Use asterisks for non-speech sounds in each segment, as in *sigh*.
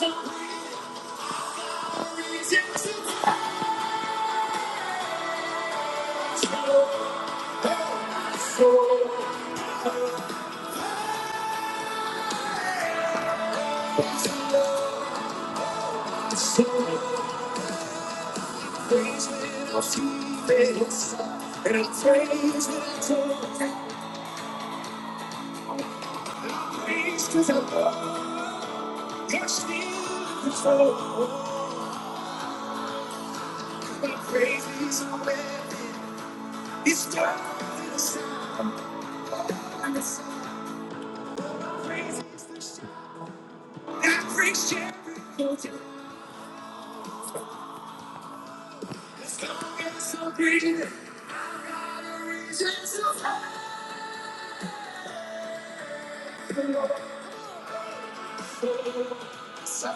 And I'm praised when I talk, I'm praised because I love, you're still in control. My praise is a weapon, it's darker than the sun, darker than the sun. My praise is the sun, I praise Jericho. As long as I breathe, I've got a reason to fight. So, so, so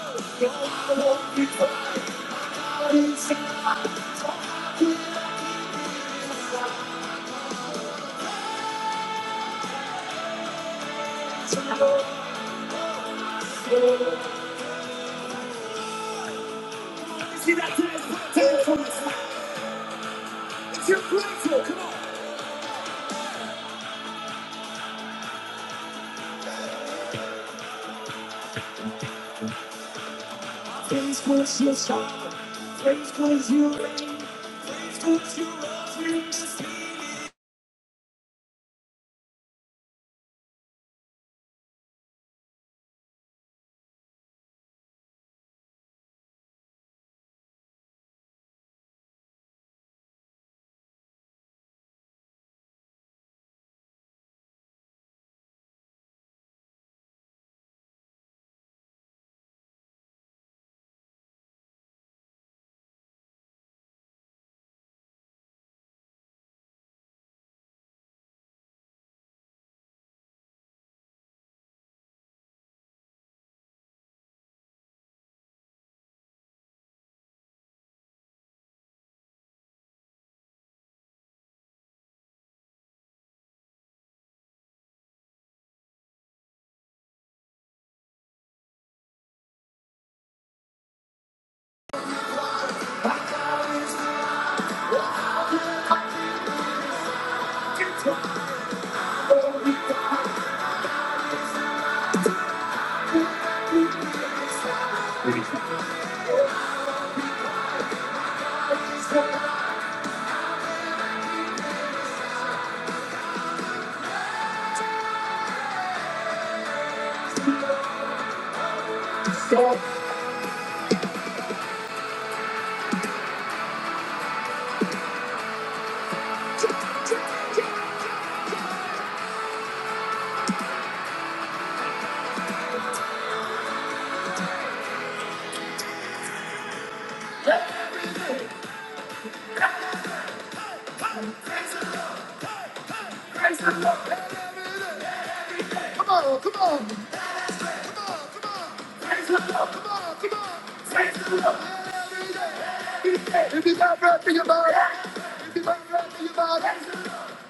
I won't be falling apart. So I can't let you slide. So, so, so you see that dance floor? Dance floor, it's your place. Come on, dance floor, you're a dance floor, you're a dance floor, you're a dance floor. If you got breath in your body, if you got breath in your body,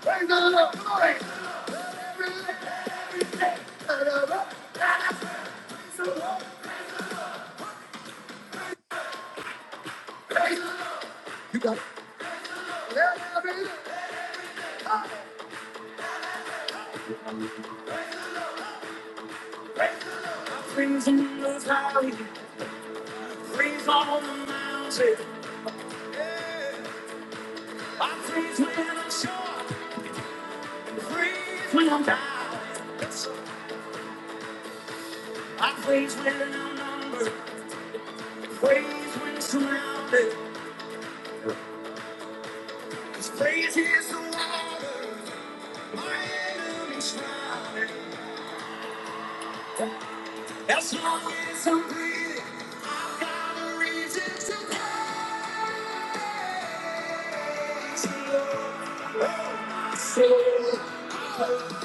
praise the Lord. Come on. You got it. Freezing in the valley, freeze on the mountain. I freeze when I'm short, and freeze when I'm down. I freeze when I'm numbered, freeze when surrounded. Cause freeze is the water, my enemy's drowning. As long as I'm breathing, I've got a reason to praise the Lord. Oh, soul, praise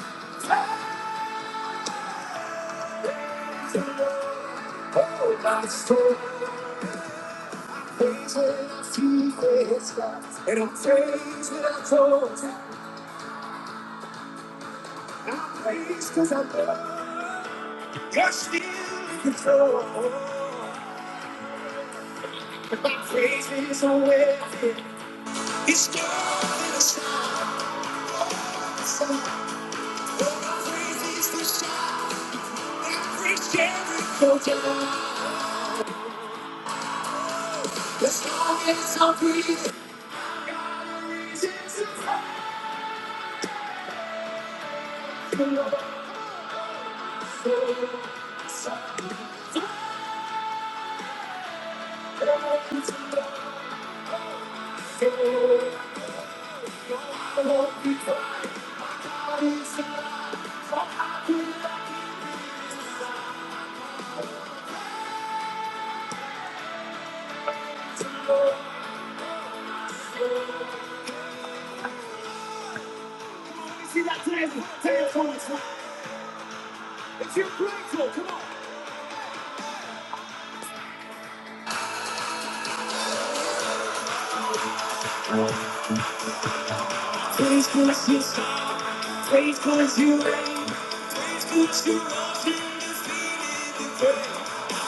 the Lord. Oh, my soul, praise the King, praise God. And I'm praised without thought. I'm praised because I know you're still in control. My praise is a weapon. He's calling us out. Oh, great is the shout that breaks Jericho down. As long as I'm breathing, God Got a reason to the soul. So I'm to the soul. No, I won't be quiet. My God is alive. So how could I give in to the soul? See that table, table is one. It's your grateful, come on. Faithful is your star, faithful is your name, faithful is your love,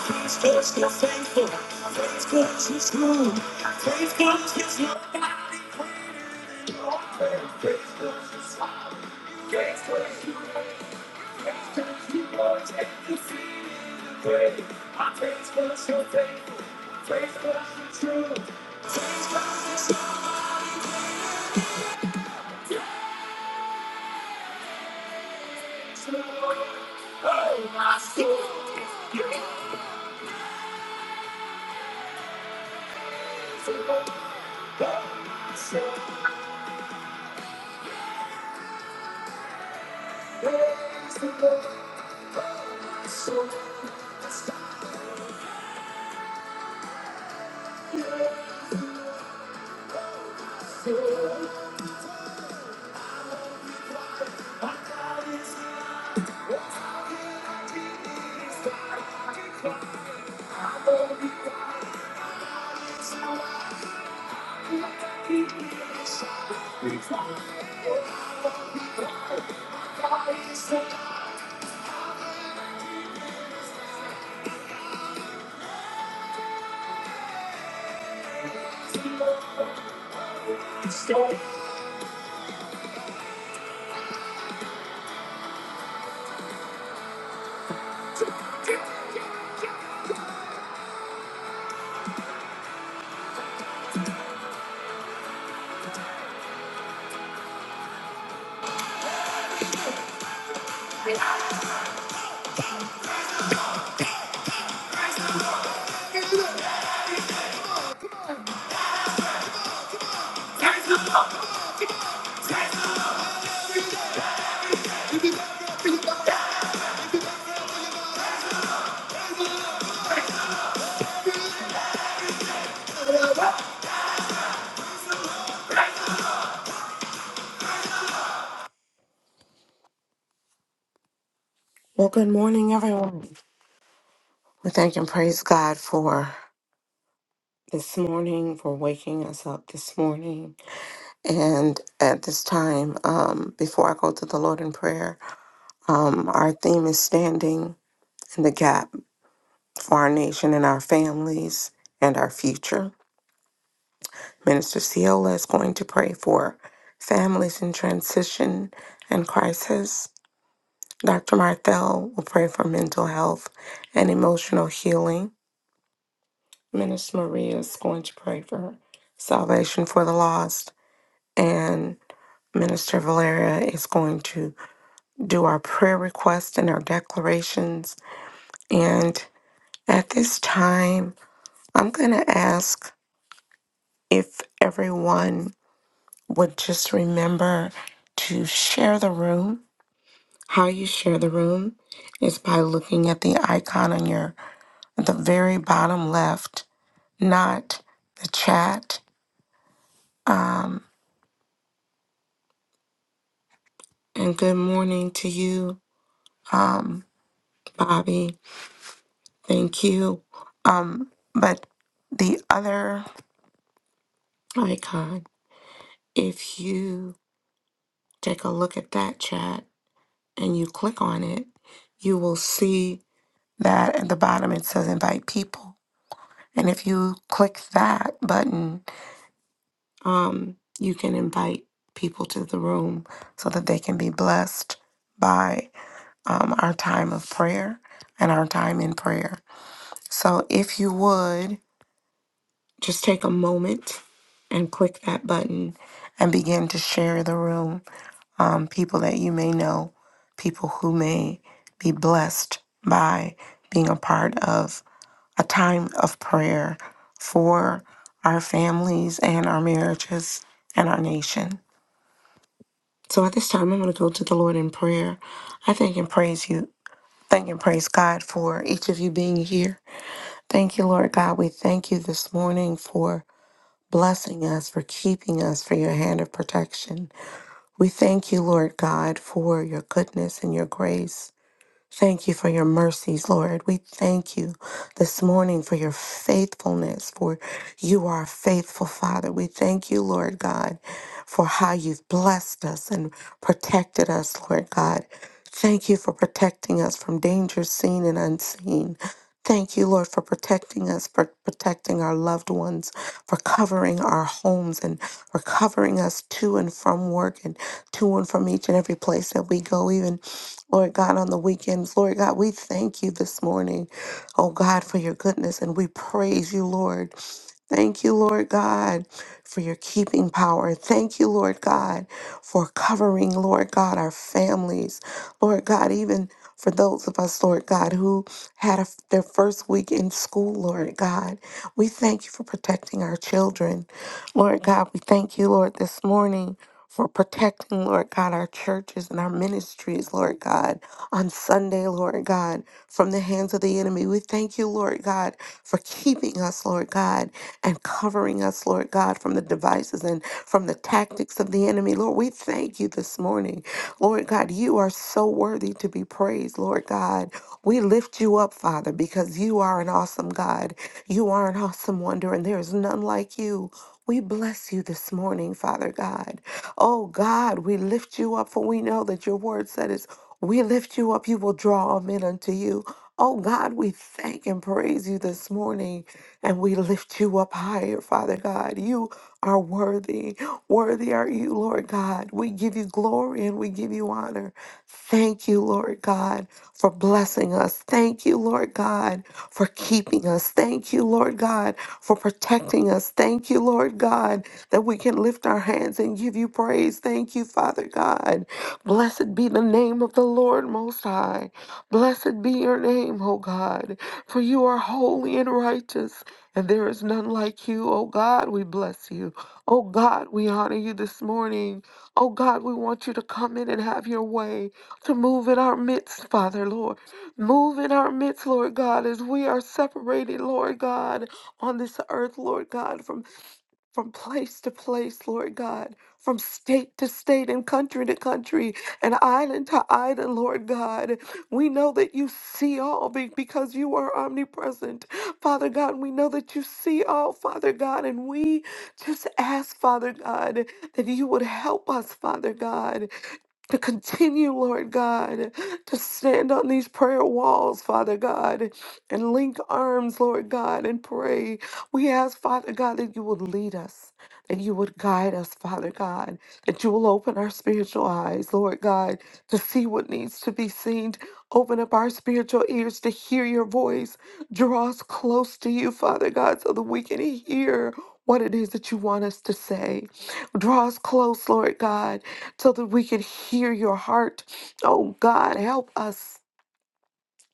He's just so faithful. Faithful to his good. Faithful to his love. Faithful to his love. Faithful Faith comes to his Lord. Oh, my soul. Faith comes to Lord. Oh, my soul. the the Lord, oh my soul, that's the Lord. Praise the my my My My My soul. soul. I I I cannot give is God. I can cry. I won't won't be be be quiet. quiet. quiet. is is is can keep Stop. Well, good morning, everyone. We thank and praise God for this morning, for waking us up this morning. And at this time, um, before I go to the Lord in prayer, um, our theme is standing in the gap for our nation and our families and our future. Minister Ciola is going to pray for families in transition and crisis. Dr. Marthel will pray for mental health and emotional healing. Minister Maria is going to pray for salvation for the lost. And Minister Valeria is going to do our prayer requests and our declarations. And at this time, I'm going to ask if everyone would just remember to share the room. How you share the room is by looking at the icon on your at the very bottom left not the chat. And good morning to you, Bobby. Thank you. But the other icon, if you take a look at that chat and you click on it, you will see that at the bottom it says invite people. And if you click that button, you can invite people to the room so that they can be blessed by um, our time of prayer and our time in prayer. So if you would just take a moment and click that button and begin to share the room. Um, people that you may know, people who may be blessed by being a part of a time of prayer for our families and our marriages and our nation. So at this time, I'm going to go to the Lord in prayer. I thank and praise you. Thank and praise God for each of you being here. Thank you, Lord God. We thank you this morning for blessing us, for keeping us, for your hand of protection. We thank you, Lord God, for your goodness and your grace. Thank you for your mercies, Lord. We thank you this morning for your faithfulness, for you are a faithful Father. We thank you, Lord God, for how you've blessed us and protected us, Lord God. Thank you for protecting us from danger, seen and unseen. Thank you, Lord, for protecting us, for protecting our loved ones, for covering our homes, and for covering us to and from work and to and from each and every place that we go, even, Lord God, on the weekends. Lord God, we thank you this morning, oh God, for your goodness, and we praise you, Lord. Thank you, Lord God, for your keeping power. Thank you, Lord God, for covering, Lord God, our families. Lord God, even for those of us, Lord God, who had a, their first week in school, Lord God, we thank you for protecting our children. Lord God, we thank you, Lord, this morning for protecting, Lord God, our churches and our ministries, Lord God, on Sunday, Lord God, from the hands of the enemy. We thank you, Lord God, for keeping us, Lord God, and covering us, Lord God, from the devices and from the tactics of the enemy. Lord, we thank you this morning. Lord God, you are so worthy to be praised, Lord God. We lift you up, Father, because you are an awesome God. You are an awesome wonder, and there is none like you. We bless you this morning, Father God. Oh God, we lift you up, for we know that your word said is we lift you up, you will draw all men unto you. Oh God, we thank and praise you this morning, and we lift you up higher, Father God. You are worthy. Worthy are you, Lord God. We give you glory and we give you honor. Thank you, Lord God, for blessing us. Thank you, Lord God, for keeping us. Thank you, Lord God, for protecting us. Thank you, Lord God, that we can lift our hands and give you praise. Thank you, Father God. Blessed be the name of the Lord Most High. Blessed be your name, O God, for you are holy and righteous, and there is none like you. O God, we bless you. O God, we honor you this morning. O God, we want you to come in and have your way, to move in our midst, Father, Lord. Move in our midst, Lord God, as we are separated, Lord God, on this earth, Lord God, from from place to place, Lord God, from state to state and country to country and island to island, Lord God. We know that you see all be- because you are omnipresent, Father God. We know that you see all, Father God, and we just ask, Father God, that you would help us, Father God to continue, Lord God, to stand on these prayer walls, Father God, and link arms, Lord God, and pray. We ask, Father God, that you would lead us, that you would guide us, Father God, that you will open our spiritual eyes, Lord God, to see what needs to be seen. Open up our spiritual ears to hear your voice. Draw us close to you, Father God, so that we can hear what it is that you want us to say. Draw us close, Lord God, so that we can hear your heart. Oh God, help us.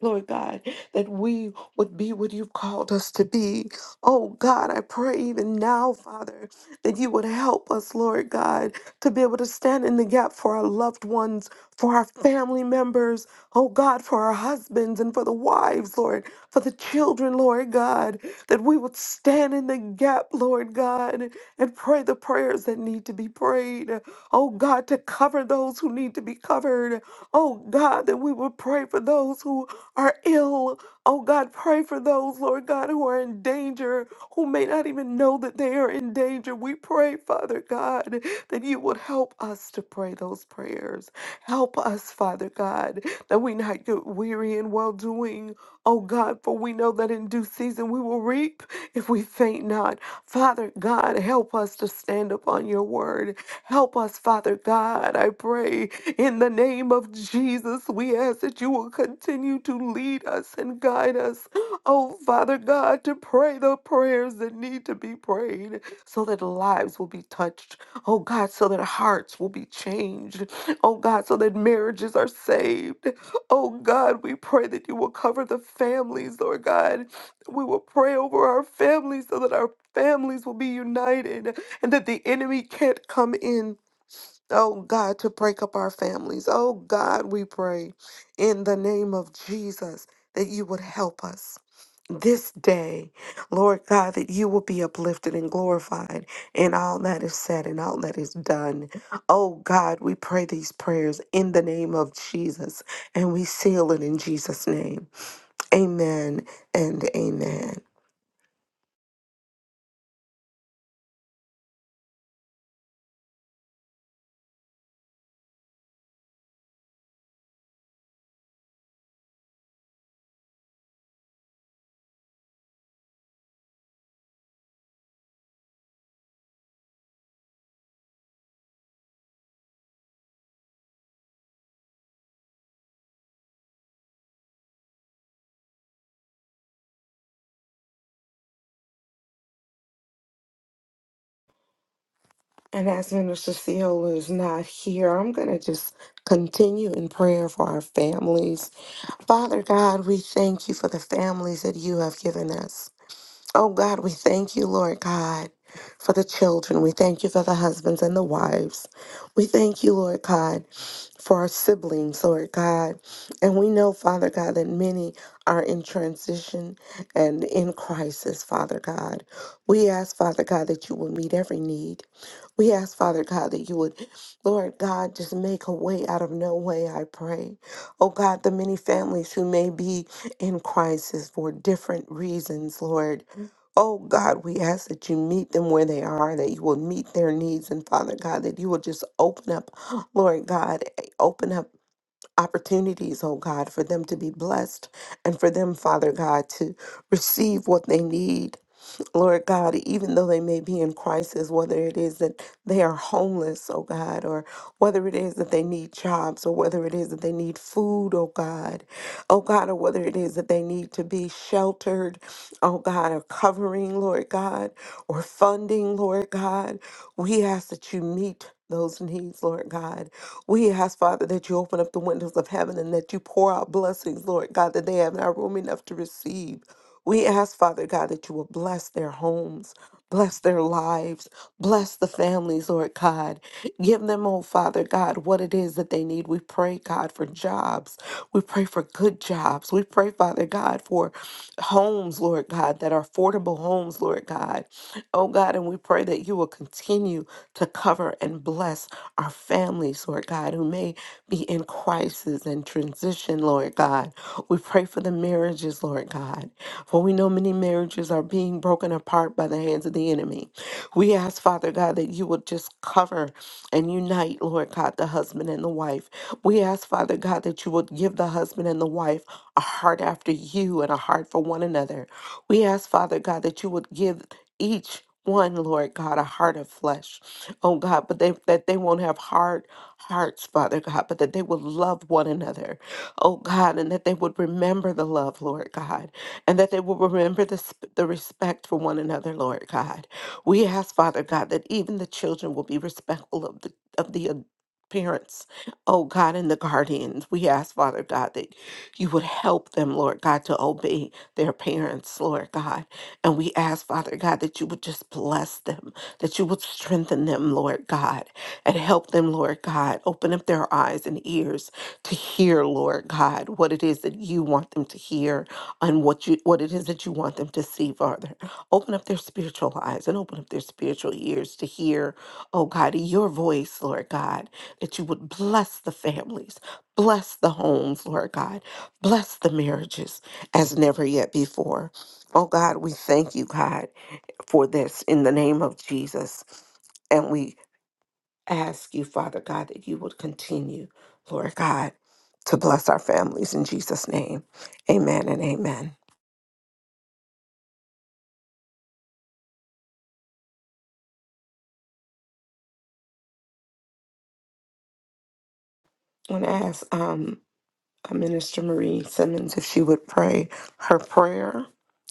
Lord God, that we would be what you've called us to be. Oh God, I pray even now, Father, that you would help us, Lord God, to be able to stand in the gap for our loved ones, for our family members, oh God, for our husbands and for the wives, Lord for the children, Lord God, that we would stand in the gap, Lord God, and pray the prayers that need to be prayed. Oh God, to cover those who need to be covered. Oh God, that we would pray for those who are ill. Oh God, pray for those, Lord God, who are in danger, who may not even know that they are in danger. We pray, Father God, that you would would help us to pray those prayers. Help us, Father God, that we not get weary in well doing. Oh God, for we know that in due season we will reap if we faint not. Father God, help us to stand upon your word. Help us, Father God, I pray. In the name of Jesus, we ask that you will continue to lead us and guide us. Oh, Father God, to pray the prayers that need to be prayed so that lives will be touched. Oh, God, so that hearts will be changed. Oh, God, so that marriages are saved. Oh, God, we pray that you will cover the families, Lord God. We will pray over our families so that our families will be united and that the enemy can't come in. Oh, God, to break up our families. Oh, God, we pray in the name of Jesus that you would help us this day, Lord God, that you will be uplifted and glorified in all that is said and all that is done. Oh God, we pray these prayers in the name of Jesus and we seal it in Jesus' name. Amen and amen. And as Minister Ciola is not here, I'm going to just continue in prayer for our families. Father God, we thank you for the families that you have given us. Oh God, we thank you, Lord God. for the children. We thank you for the husbands and the wives. We thank you, Lord God, for our siblings, Lord God. And we know, Father God, that many are in transition and in crisis, Father God. We ask, Father God, that you will meet every need. We ask, Father God, that you would, Lord God, just make a way out of no way, I pray. Oh God, the many families who may be in crisis for different reasons, Lord. Oh God, we ask that you meet them where they are, that you will meet their needs, and Father God, that you will just open up, *gasps* Lord God, eh, open up opportunities, oh God, for them to be blessed and for them, Father God, to receive what they need. Lord God, even though they may be in crisis, whether it is that they are homeless, oh God, or whether it is that they need jobs, or whether it is that they need food, oh God, oh God, or whether it is that they need to be sheltered, oh God, or covering, Lord God, or funding, Lord God, we ask that you meet. Those needs, Lord God. We ask, Father, that you open up the windows of heaven and that you pour out blessings, Lord God, that they have not room enough to receive. We ask, Father God, that you will bless their homes, bless their lives, bless the families, Lord God. Give them, oh Father God, what it is that they need. We pray, God, for jobs. We pray for good jobs. We pray, Father God, for homes, Lord God, that are affordable homes, Lord God. Oh God, and we pray that you will continue to cover and bless our families, Lord God, who may be in crisis and transition, Lord God. We pray for the marriages, Lord God, for we know many marriages are being broken apart by the hands of the enemy. We ask, Father God, that you would just cover and unite, Lord God, the husband and the wife. We ask, Father God, that you would give the husband and the wife a heart after you and a heart for one another. We ask, Father God, that you would give each one, Lord God, a heart of flesh, oh God, but they, that they won't have hard hearts, Father God, but that they will love one another, oh God, and that they would remember the love, Lord God, and that they will remember the, sp- the respect for one another, Lord God. We ask, Father God, that even the children will be respectful of the of the adults parents, oh God, and the guardians. We ask, Father God, that you would help them, Lord God, to obey their parents, Lord God. And we ask, Father God, that you would just bless them, that you would strengthen them, Lord God, and help them, Lord God. Open up their eyes and ears to hear, Lord God, what it is that you want them to hear and what you what it is that you want them to see, Father. Open up their spiritual eyes and open up their spiritual ears to hear, oh God, your voice, Lord God that you would bless the families, bless the homes, Lord God, bless the marriages as never yet before. Oh God, we thank you, God, for this in the name of Jesus. And we ask you, Father God, that you would continue, Lord God, to bless our families in Jesus' name. Amen and amen. I want to ask um, uh, Minister Marie Simmons if she would pray her prayer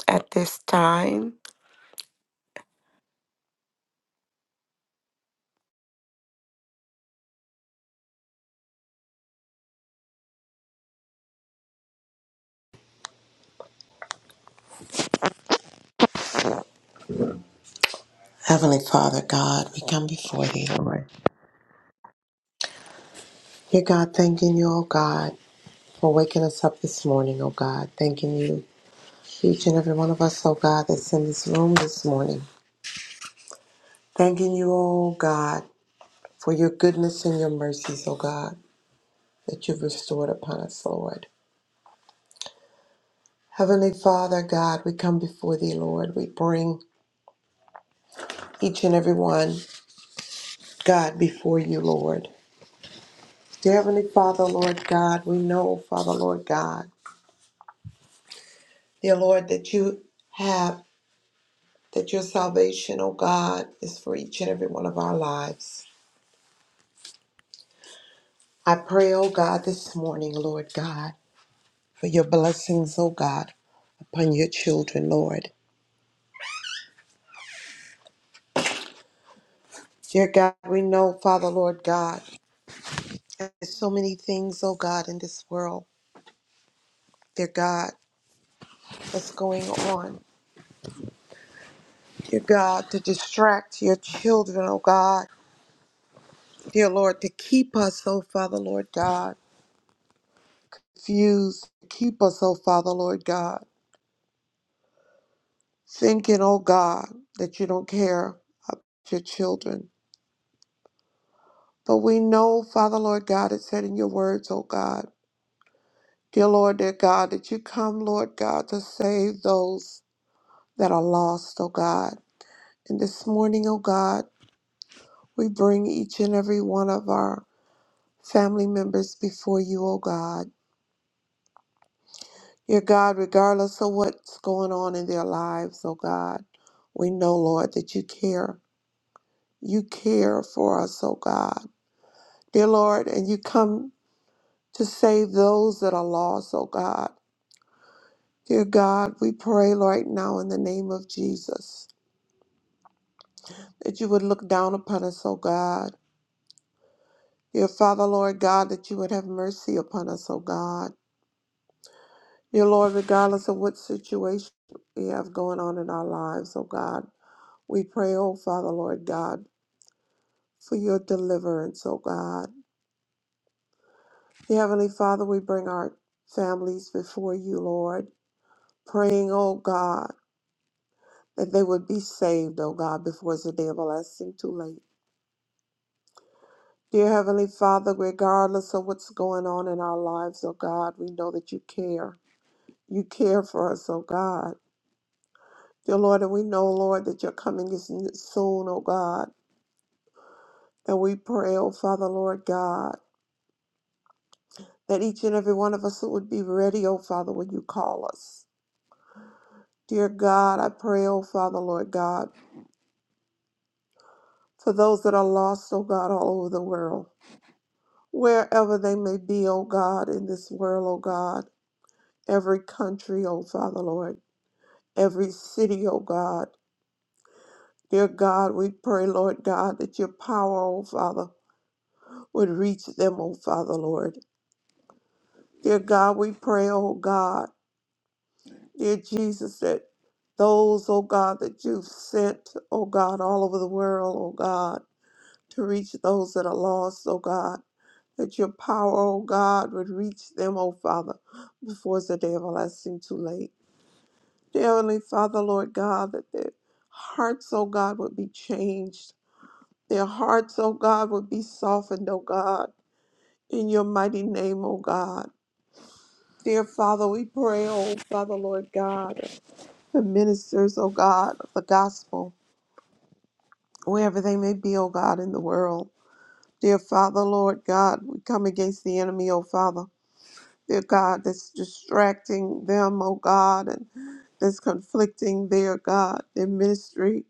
at this time. Heavenly Father, God, we come before thee, Lord. Dear God, thanking you, O God, for waking us up this morning, O God. Thanking you, each and every one of us, O God, that's in this room this morning. Thanking you, O God, for your goodness and your mercies, O God, that you've restored upon us, Lord. Heavenly Father, God, we come before thee, Lord. We bring each and every one, God, before you, Lord. Dear Heavenly Father, Lord God, we know, Father, Lord God, dear Lord, that you have that your salvation, oh God, is for each and every one of our lives. I pray, oh God, this morning, Lord God, for your blessings, oh God, upon your children, Lord. Dear God, we know, Father, Lord God, there's so many things, oh God, in this world, dear God, that's going on. Dear God, to distract your children, oh God. Dear Lord, to keep us, oh Father, Lord God, confused. Keep us, oh Father, Lord God thinking, oh God, that you don't care about your children. But we know, Father, Lord God, it said in your words, oh God, dear Lord, dear God, that you come, Lord God, to save those that are lost, oh God. And this morning, oh God, we bring each and every one of our family members before you, oh God. Dear God, regardless of what's going on in their lives, oh God, we know, Lord, that you care. You care for us, oh God. dear Lord, and you come to save those that are lost, oh God. Dear God, we pray right now in the name of Jesus that you would look down upon us, O God. Dear Father, Lord God, that you would have mercy upon us, O God. Dear Lord, regardless of what situation we have going on in our lives, O God, we pray, O Father, Lord God, for your deliverance, O God. Dear Heavenly Father, we bring our families before you, Lord, praying, O God. that they would be saved, oh God, before it's a day of everlasting too late. Dear Heavenly Father, regardless of what's going on in our lives, oh God, we know that you care. You care for us, oh God. Dear Lord, and we know, Lord, that your coming is n- soon, oh God. And we pray, oh Father, Lord God, that each and every one of us would be ready, oh Father, when you call us. Dear God, I pray, oh Father, Lord God, for those that are lost, oh God, all over the world. wherever they may be, O God, in this world, O God, every country, O Father, Lord, every city, O God. Dear God, we pray, Lord God, that your power, O Father, would reach them, O Father, Lord. Dear God, we pray, O God, dear Jesus, that those, O God, that you've sent, O God, all over the world, O God, to reach those that are lost, oh God. That your power, oh God, would reach them, oh Father, before it's a day of everlasting too late. Dear Heavenly Father, Lord God, that their hearts, oh God, would be changed. Their hearts, oh God, would be softened, oh God, in your mighty name, oh God. Dear Father, we pray, oh Father, Lord God, the ministers, oh God, of the gospel, wherever they may be, oh God, in the world. Dear Father, Lord God, we come against the enemy, oh Father. Dear God, that's distracting them, oh God, and that's conflicting their God, their ministry.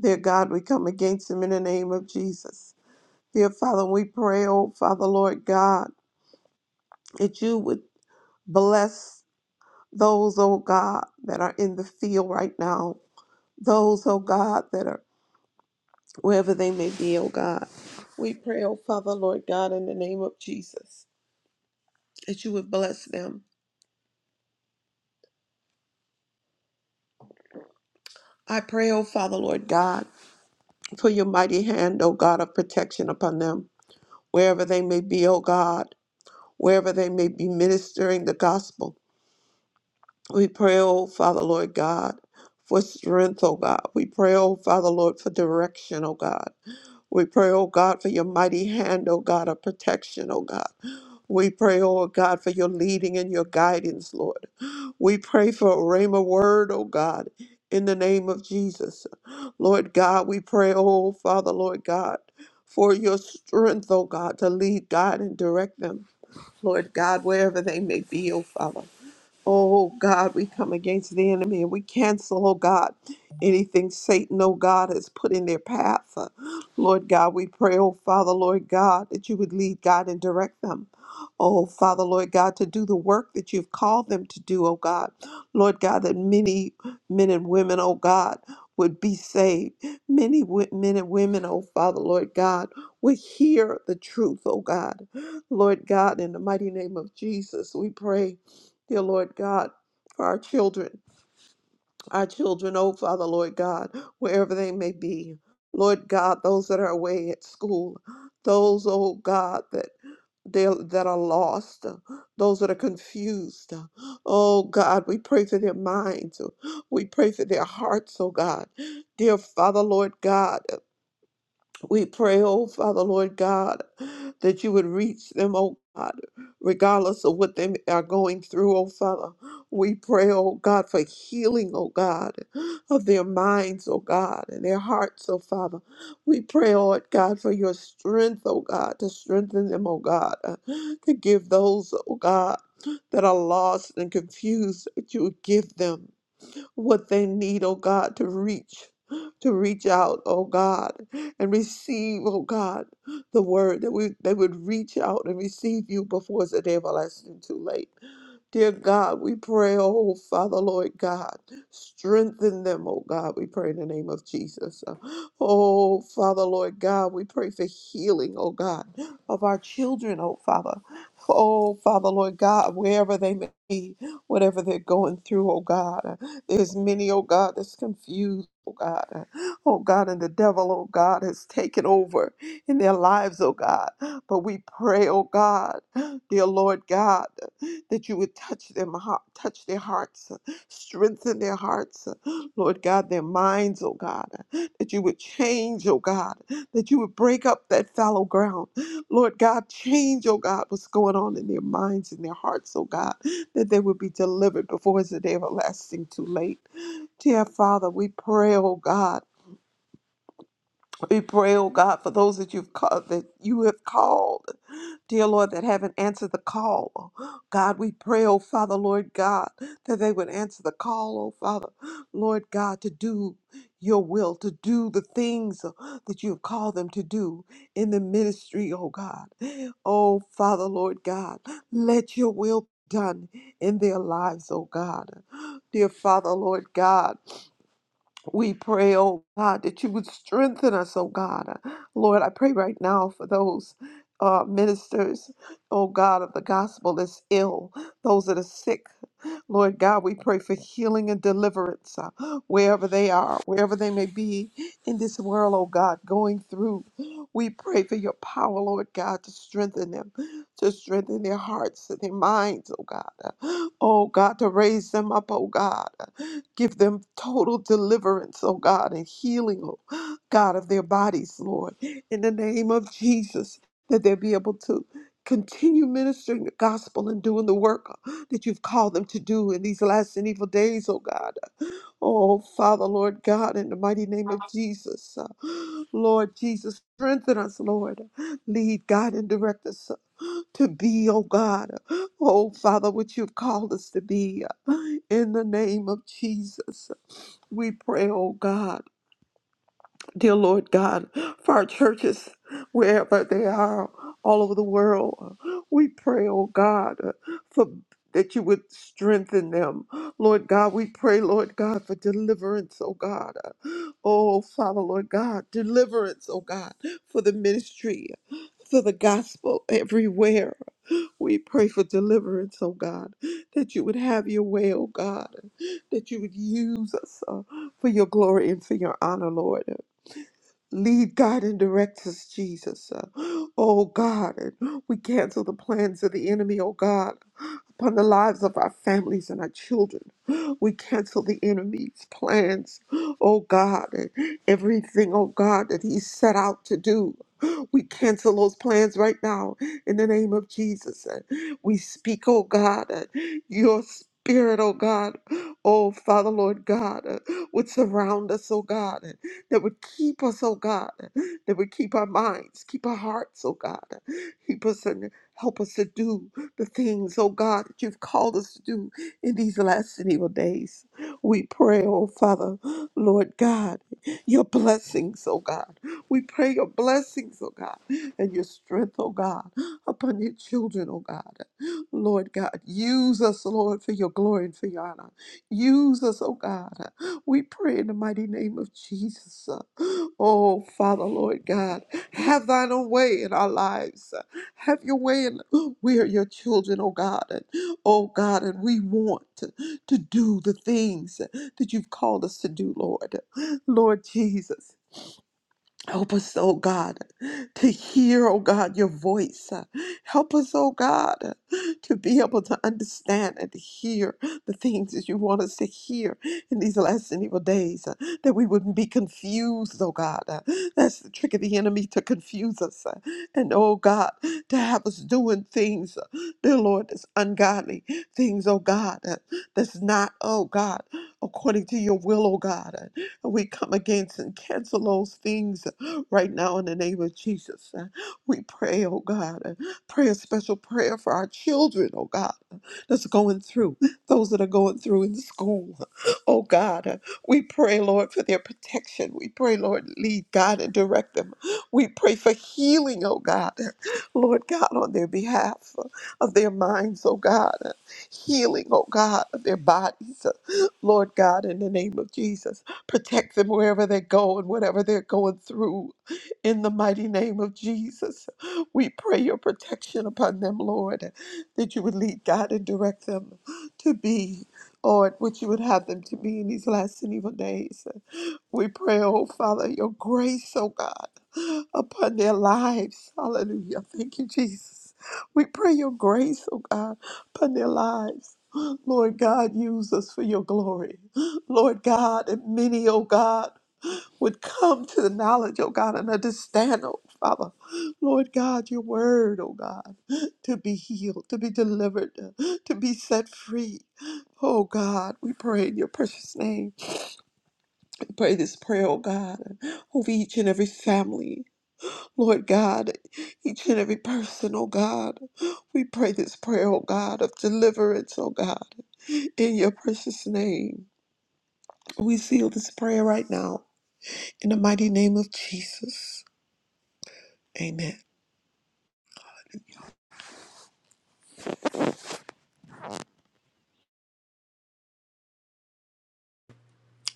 Dear God, we come against them in the name of Jesus. Dear Father, we pray, oh Father, Lord God, that you would bless those, oh God, that are in the field right now. Those, oh God, that are wherever they may be, oh God. We pray, oh Father, Lord God, in the name of Jesus, that you would bless them I pray, O Father, Lord God, for your mighty hand, O God, of protection upon them, wherever they may be, O God, wherever they may be ministering the gospel. We pray, O Father, Lord God, for strength, O God. We pray, O Father, Lord, for direction, O God. We pray, O God, for your mighty hand, O God, of protection, O God. We pray, oh God, for your leading and your guidance, Lord. We pray for a rhema word, oh God, in the name of Jesus. Lord God, we pray, oh Father, Lord God, for your strength, oh God, to lead God and direct them, Lord God, wherever they may be, oh Father. Oh God, we come against the enemy and we cancel, oh God, anything Satan, oh God, has put in their path. Uh, Lord God, we pray, oh Father, Lord God, that you would lead God and direct them. Oh Father, Lord God, to do the work that you've called them to do, oh God. Lord God, that many men and women, oh God, would be saved. Many wo- men and women, oh Father, Lord God, would hear the truth, oh God. Lord God, in the mighty name of Jesus, we pray dear Lord God, for our children, our children, oh Father, Lord God, wherever they may be. Lord God, those that are away at school, those, oh God, that they that are lost, uh, those that are confused. uh, Oh God, we pray for their minds. uh, We pray for their hearts, oh God. Dear Father, Lord God. We pray, oh Father, Lord God, that you would reach them, oh God, regardless of what they are going through, oh Father. We pray, oh God, for healing, oh God, of their minds, oh God, and their hearts, oh Father. We pray, oh God, for your strength, oh God, to strengthen them, oh God, to give those, oh God, that are lost and confused, that you would give them what they need, oh God, to reach, to reach out, oh God, and receive, oh God, the word that we they would reach out and receive you before it's a day of our lives too late. Dear God, we pray, oh Father, Lord God, strengthen them, oh God, we pray in the name of Jesus. Oh Father, Lord God, we pray for healing, oh God, of our children, oh Father. Oh Father, Lord God, wherever they may be, whatever they're going through, oh God. There's many, oh God, that's confused. Oh God, oh God, and the devil, oh God, has taken over in their lives, oh God. But we pray, oh God, dear Lord God that you would touch them heart, touch their hearts, uh, strengthen their hearts, uh, Lord God, their minds, oh God, uh, that you would change, oh God, that you would break up that fallow ground. Lord God, change, oh God, what's going on in their minds and their hearts, oh God, that they would be delivered before it's a day everlasting too late. Dear Father, we pray, oh God. We pray, oh God, for those that you've called that you have called dear Lord, that haven't answered the call. God, we pray, oh Father, Lord God, that they would answer the call, oh Father, Lord God, to do your will, to do the things uh, that you have called them to do in the ministry, oh God. Oh Father, Lord God, let your will be done in their lives, oh God. Dear Father, Lord God, we pray, oh God, that you would strengthen us, oh God. Lord, I pray right now for those uh, ministers, oh God, of the gospel that's ill, those that are sick. Lord God, we pray for healing and deliverance uh, wherever they are, wherever they may be in this world, oh God, going through. We pray for your power, Lord God, to strengthen them, to strengthen their hearts and their minds, oh God. Uh, Oh God, to raise them up, oh God. Uh, Give them total deliverance, oh God, and healing, oh God, of their bodies, Lord. In the name of Jesus, that they'll be able to continue ministering the gospel and doing the work that you've called them to do in these last and evil days, oh God. Oh, Father, Lord God, in the mighty name of Jesus. uh, Lord Jesus, strengthen us, Lord. Lead, God, and direct us uh, to be, oh God. Oh, Father, what you've called us to be. uh, In the name of Jesus, we pray, oh God. Dear Lord God, for our churches, wherever they are, all over the world, we pray, oh God, for that you would strengthen them. Lord God, we pray, Lord God, for deliverance, oh God. Oh Father, Lord God, deliverance, oh God, for the ministry, for the gospel everywhere. We pray for deliverance, oh God, that you would have your way, oh God, that you would use us uh, for your glory and for your honor, Lord. Lead, God, and direct us, Jesus. Uh, *gasps* Oh, God, and we cancel the plans of the enemy, oh, God upon the lives of our families and our children. We cancel the enemy's plans, oh God, and everything, oh God, that he set out to do. We cancel those plans right now in the name of Jesus. And we speak, oh God, that your spirit, oh God, oh Father, Lord God, uh, would surround us, oh God, and that would keep us, oh God, uh, that would keep our minds, keep our hearts, oh God, uh, keep us and help us to do the things, oh God, that you've called us to do in these last and evil days. We pray, oh Father, Lord God, your blessings, oh God. We pray your blessings, oh God, and your strength, oh God, upon your children, oh God. Lord God, use us, Lord, for your glory and for your honor. Use us, oh God. We pray in the mighty name of Jesus. Oh, Father, Lord God, have thine own way in our lives. Have your way in we are your children, oh God. And, oh God, and we want to, to do the things that you've called us to do, Lord. Lord Jesus. Help us, oh God, to hear, oh God, your voice. Help us, oh God, to be able to understand and to hear the things that you want us to hear in these last and evil days, that we wouldn't be confused, oh God. That's the trick of the enemy to confuse us. And, oh God, to have us doing things, dear Lord, that's ungodly, things, oh God, that's not, oh God, according to your will, oh God. We come against and cancel those things right now in the name of Jesus. Uh, We pray, oh God, uh, pray a special prayer for our children, oh God, uh, that's going through, those that are going through in school. Oh God, uh, we pray, Lord, for their protection. We pray, Lord, lead, God, and direct them. We pray for healing, oh God, uh, Lord God, on their behalf uh, of their minds, oh God, uh, healing, oh God, of their bodies, uh, Lord God, in the name of Jesus protect them wherever they go and whatever they're going through. In the mighty name of Jesus, we pray your protection upon them, Lord, that you would lead God and direct them to be, Lord, what you would have them to be in these last and evil days. We pray, oh Father, your grace, oh God, upon their lives. Hallelujah. Thank you, Jesus. We pray your grace, oh God, upon their lives. Lord God, use us for your glory. Lord God, and many, oh God would come to the knowledge, oh God, and understand, oh Father, Lord God, your word, oh God, to be healed, to be delivered, to be set free. Oh God, we pray in your precious name. We pray this prayer, oh God, over each and every family, Lord God, each and every person, oh God. We pray this prayer, oh God, of deliverance, oh God, in your precious name. We seal this prayer right now in the mighty name of Jesus. Amen.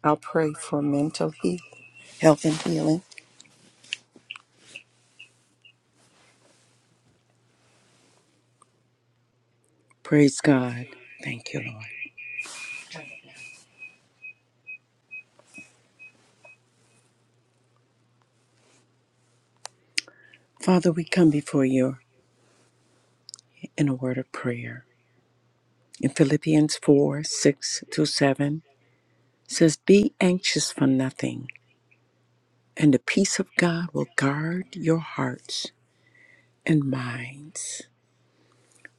I'll pray for mental heal, health and healing. Praise God. Thank you, Lord. Father, we come before you in a word of prayer. In Philippians 4 6 through 7 says, Be anxious for nothing, and the peace of God will guard your hearts and minds.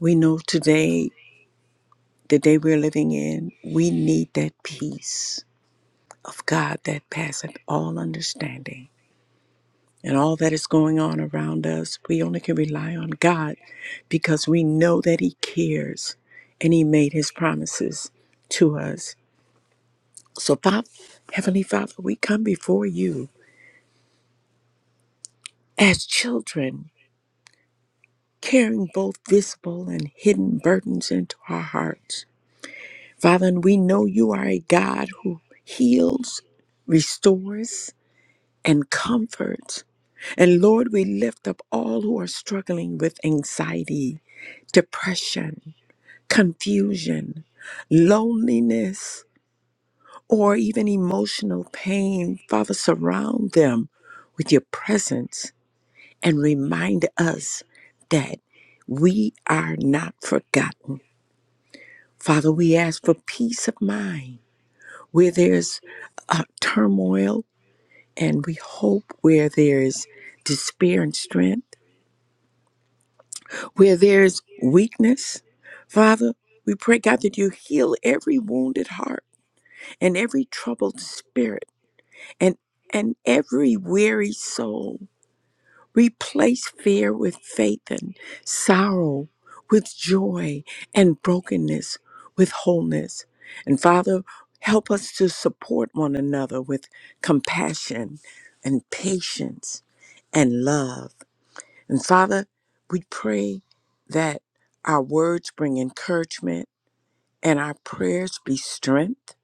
We know today, the day we're living in, we need that peace of God that passeth all understanding. and all that is going on around us, we only can rely on God because we know that He cares and He made His promises to us. So, Father, Heavenly Father, we come before you as children, carrying both visible and hidden burdens into our hearts. Father, and we know you are a God who heals, restores, and comforts. And Lord, we lift up all who are struggling with anxiety depression, confusion, loneliness, or even emotional pain. Father, surround them with your presence and remind us that we are not forgotten. Father, we ask for peace of mind where there's uh, turmoil, and we hope where there's despair and strength, where there's weakness. Father, we pray, God, that you heal every wounded heart and every troubled spirit and and every weary soul replace fear with faith and sorrow with joy and brokenness with wholeness and father help us to support one another with compassion and patience and love and father we pray that our words bring encouragement and our prayers be strength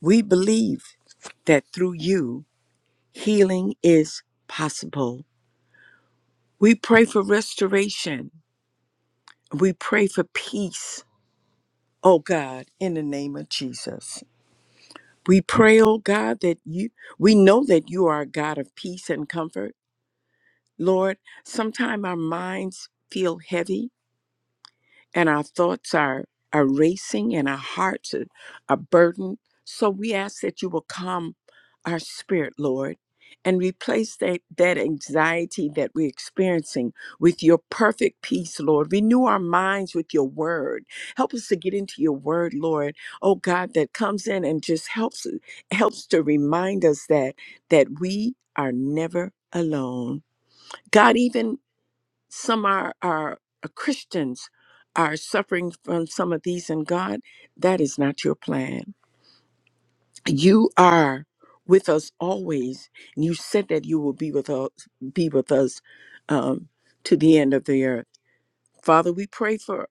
we believe that through you healing is possible. We pray for restoration. We pray for peace, oh God, in the name of Jesus. We pray, oh God, that you, we know that you are a God of peace and comfort. Lord, sometimes our minds feel heavy and our thoughts are, are racing and our hearts are, are burdened. So we ask that you will calm our spirit, Lord, and replace that, that anxiety that we're experiencing with your perfect peace, Lord. Renew our minds with your word. Help us to get into your word, Lord. Oh God, that comes in and just helps helps to remind us that that we are never alone. God, even some are are are Christians are suffering from some of these and God, that is not your plan. You are with us always, and you said that you will be with us be with us um, to the end of the earth. Father, we pray for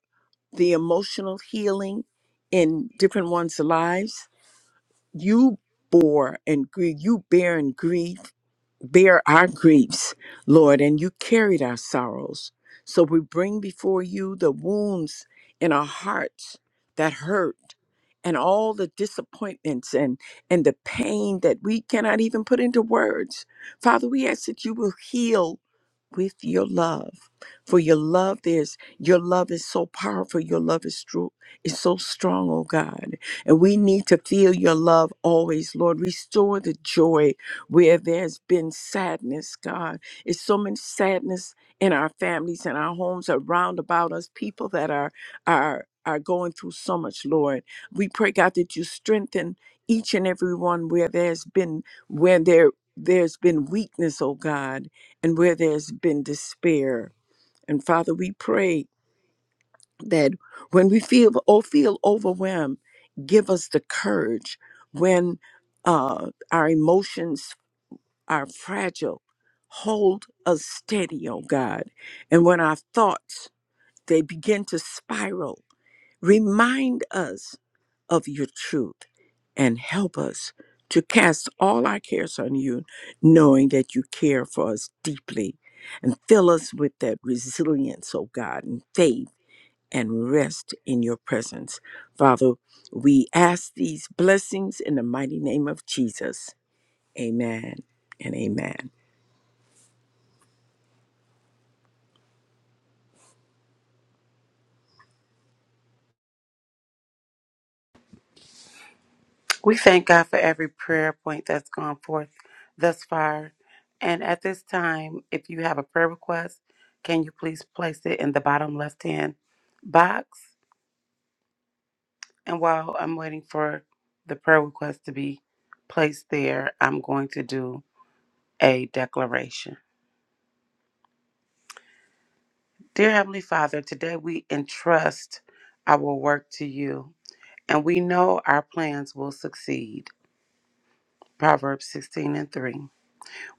the emotional healing in different ones' lives. You bore and grieve, you bear and grieve bear our griefs, Lord, and you carried our sorrows. So we bring before you the wounds in our hearts that hurt and all the disappointments and, and the pain that we cannot even put into words. Father, we ask that you will heal with your love for your love is your love is so powerful your love is true is so strong oh god and we need to feel your love always lord restore the joy where there's been sadness god it's so much sadness in our families and our homes around about us people that are are are going through so much lord we pray god that you strengthen each and every one where there's been where there there's been weakness oh god and where there's been despair. And Father, we pray that when we feel oh, feel overwhelmed, give us the courage. When uh, our emotions are fragile, hold us steady, oh God. And when our thoughts they begin to spiral, Remind us of your truth and help us to cast all our cares on you, knowing that you care for us deeply and fill us with that resilience, oh God, and faith and rest in your presence. Father, we ask these blessings in the mighty name of Jesus. Amen and amen. We thank God for every prayer point that's gone forth thus far. And at this time, if you have a prayer request, can you please place it in the bottom left hand box? And while I'm waiting for the prayer request to be placed there, I'm going to do a declaration. Dear Heavenly Father, today we entrust our work to you, and we know our plans will succeed. Proverbs 16 and 3.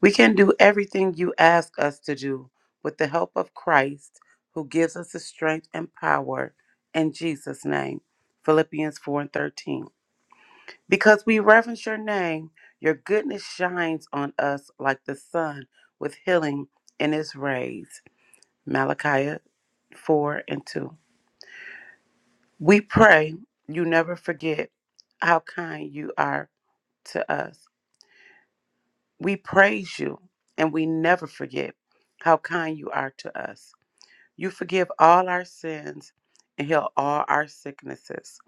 We can do everything you ask us to do with the help of Christ, who gives us the strength and power in Jesus' name. Philippians 4 and 13. Because we reverence your name, your goodness shines on us like the sun with healing in its rays. Malachi 4 and 2. We pray you never forget how kind you are to us. We praise you and we never forget how kind you are to us. You forgive all our sins and heal all our sicknesses.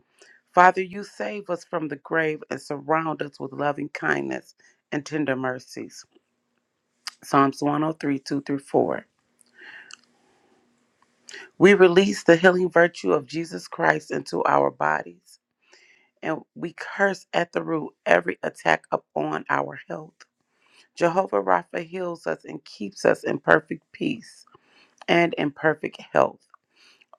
Father, you save us from the grave and surround us with loving kindness and tender mercies. Psalms 1032 through 4. We release the healing virtue of Jesus Christ into our bodies, and we curse at the root every attack upon our health. Jehovah Rapha heals us and keeps us in perfect peace and in perfect health.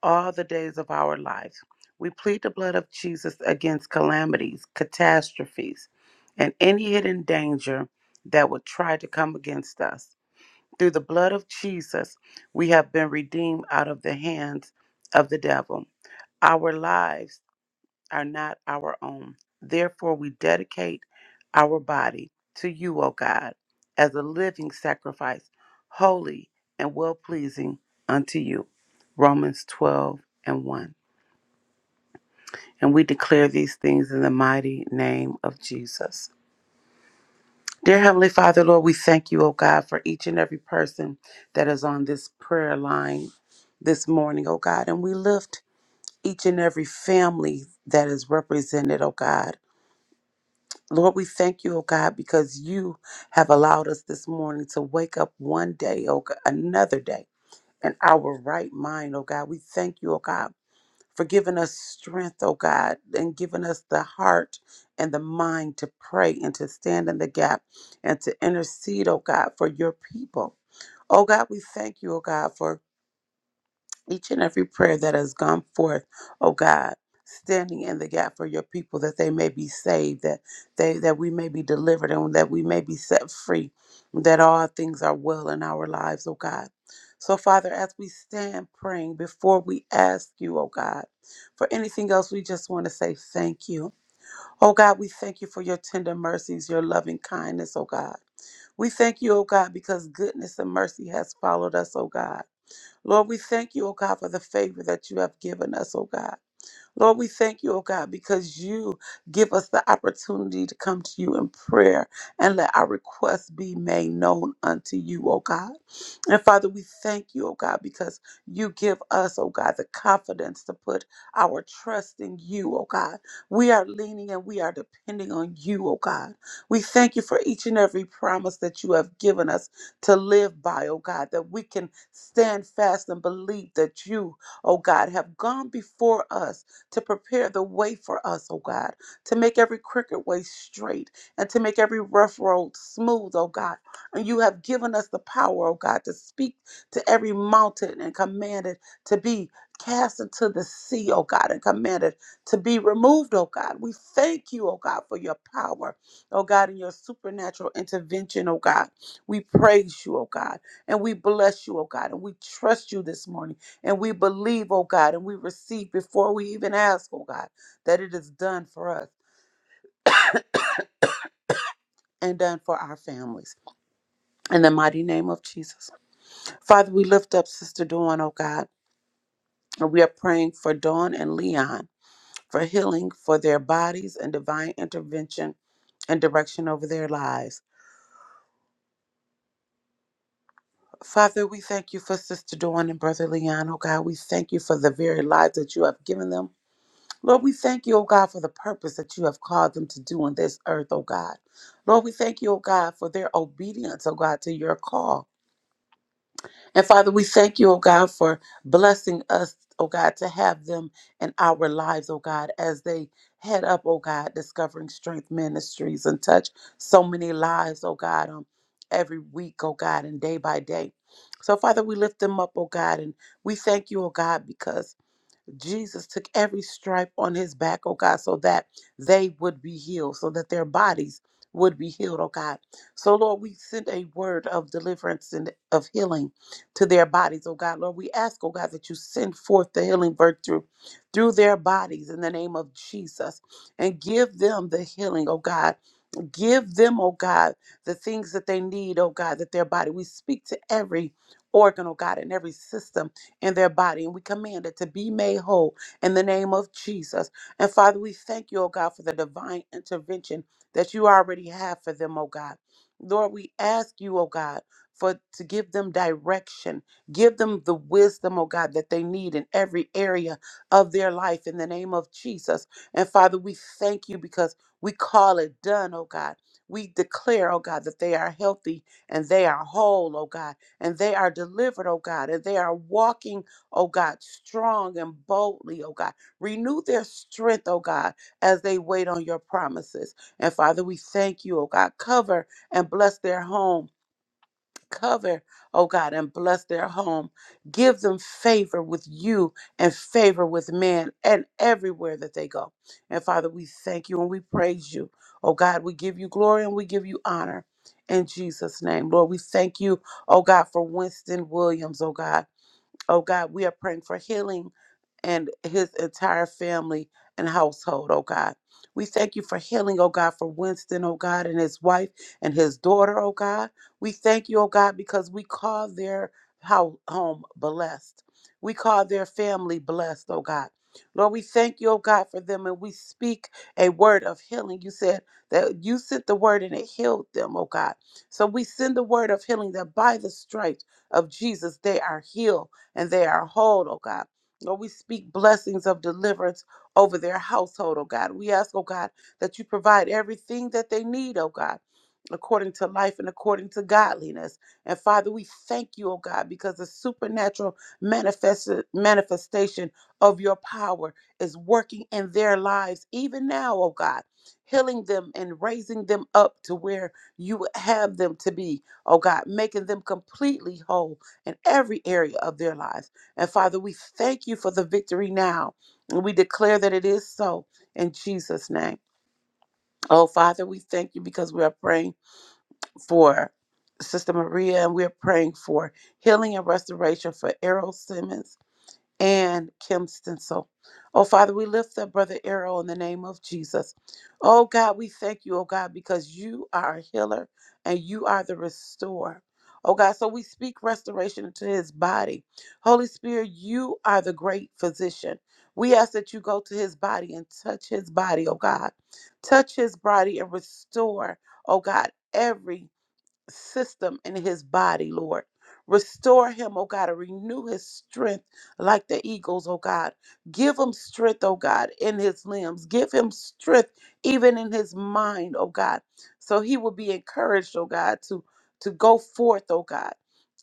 all the days of our lives. We plead the blood of Jesus against calamities, catastrophes, and any hidden danger that would try to come against us. Through the blood of Jesus, we have been redeemed out of the hands of the devil. Our lives are not our own. Therefore, we dedicate our body to you, O God, as a living sacrifice, holy and well pleasing unto you. Romans 12 and 1. And we declare these things in the mighty name of Jesus. Dear Heavenly Father, Lord, we thank you, oh God, for each and every person that is on this prayer line this morning, oh God. And we lift each and every family that is represented, oh God. Lord, we thank you, oh God, because you have allowed us this morning to wake up one day, oh God, another day in our right mind, oh God. We thank you, oh God for giving us strength, oh God, and giving us the heart and the mind to pray and to stand in the gap and to intercede, oh God, for your people. Oh God, we thank you, oh God, for each and every prayer that has gone forth, oh God, standing in the gap for your people that they may be saved, that they that we may be delivered and that we may be set free, that all things are well in our lives, oh God. So Father, as we stand praying before we ask you, oh God, for anything else, we just want to say thank you. Oh God, we thank you for your tender mercies, your loving kindness, oh God. We thank you, oh God, because goodness and mercy has followed us, oh God. Lord, we thank you, oh God, for the favor that you have given us, oh God. Lord, we thank you, oh God, because you give us the opportunity to come to you in prayer and let our requests be made known unto you, oh God. And Father, we thank you, oh God, because you give us, oh God, the confidence to put our trust in you, oh God. We are leaning and we are depending on you, oh God. We thank you for each and every promise that you have given us to live by, oh God, that we can stand fast and believe that you, oh God, have gone before us to prepare the way for us, oh God, to make every crooked way straight and to make every rough road smooth, oh God. And you have given us the power, oh God, to speak to every mountain and command it to be cast into the sea, oh God, and command it to be removed, oh God. We thank you, oh God, for your power, oh God, and your supernatural intervention, oh God. We praise you, oh God, and we bless you, oh God, and we trust you this morning. And we believe, oh God, and we receive before we even ask, oh God, that it is done for us *coughs* and done for our families. In the mighty name of Jesus. Father, we lift up Sister Dawn, oh God, and we are praying for Dawn and Leon for healing for their bodies and divine intervention and direction over their lives. Father, we thank you for Sister Dawn and Brother Leon, oh God. We thank you for the very lives that you have given them Lord, we thank you, O God, for the purpose that you have called them to do on this earth, O God. Lord, we thank you, O God, for their obedience, O God, to your call. And Father, we thank you, O God, for blessing us, O God, to have them in our lives, O God, as they head up, O God, discovering strength ministries and touch so many lives, O God, um, every week, O God, and day by day. So, Father, we lift them up, O God, and we thank you, O God, because. Jesus took every stripe on his back, oh God, so that they would be healed, so that their bodies would be healed, oh God. So, Lord, we send a word of deliverance and of healing to their bodies, oh God. Lord, we ask, oh God, that you send forth the healing virtue through their bodies in the name of Jesus and give them the healing, oh God Give them, oh God, the things that they need, oh God, that their body. We speak to every organ, oh God, and every system in their body, and we command it to be made whole in the name of Jesus. And Father, we thank you, oh God, for the divine intervention that you already have for them, oh God. Lord, we ask you, oh God, for to give them direction, give them the wisdom, oh God, that they need in every area of their life in the name of Jesus. And Father, we thank you because. We call it done, oh God. We declare, oh God, that they are healthy and they are whole, oh God, and they are delivered, oh God, and they are walking, oh God, strong and boldly, oh God. Renew their strength, oh God, as they wait on your promises. And Father, we thank you, oh God. Cover and bless their home Cover, oh God, and bless their home. Give them favor with you and favor with men and everywhere that they go. And Father, we thank you and we praise you. Oh God, we give you glory and we give you honor in Jesus' name. Lord, we thank you, oh God, for Winston Williams, oh God. Oh God, we are praying for healing and his entire family and household, oh God. We thank you for healing, oh God, for Winston, oh God, and his wife and his daughter, oh God. We thank you, oh God, because we call their hou- home blessed. We call their family blessed, oh God. Lord, we thank you, oh God, for them, and we speak a word of healing. You said that you sent the word and it healed them, oh God. So we send the word of healing that by the stripes of Jesus they are healed and they are whole, oh God. Lord, we speak blessings of deliverance over their household, oh God. We ask, oh God, that you provide everything that they need, oh God, according to life and according to godliness. And Father, we thank you, oh God, because the supernatural manifest- manifestation of your power is working in their lives even now, oh God, healing them and raising them up to where you would have them to be, oh God, making them completely whole in every area of their lives. And Father, we thank you for the victory now. And we declare that it is so in Jesus' name. Oh, Father, we thank you because we are praying for Sister Maria and we are praying for healing and restoration for Errol Simmons and Kim Stencil. Oh, Father, we lift up Brother Arrow in the name of Jesus. Oh, God, we thank you, oh, God, because you are a healer and you are the restorer. Oh, God, so we speak restoration into his body. Holy Spirit, you are the great physician. We ask that you go to his body and touch his body, oh, God. Touch his body and restore, oh, God, every system in his body, Lord. Restore him, oh God, and renew his strength like the eagles, oh God. Give him strength, oh God, in his limbs. Give him strength even in his mind, oh God. So he will be encouraged, oh God, to to go forth, oh God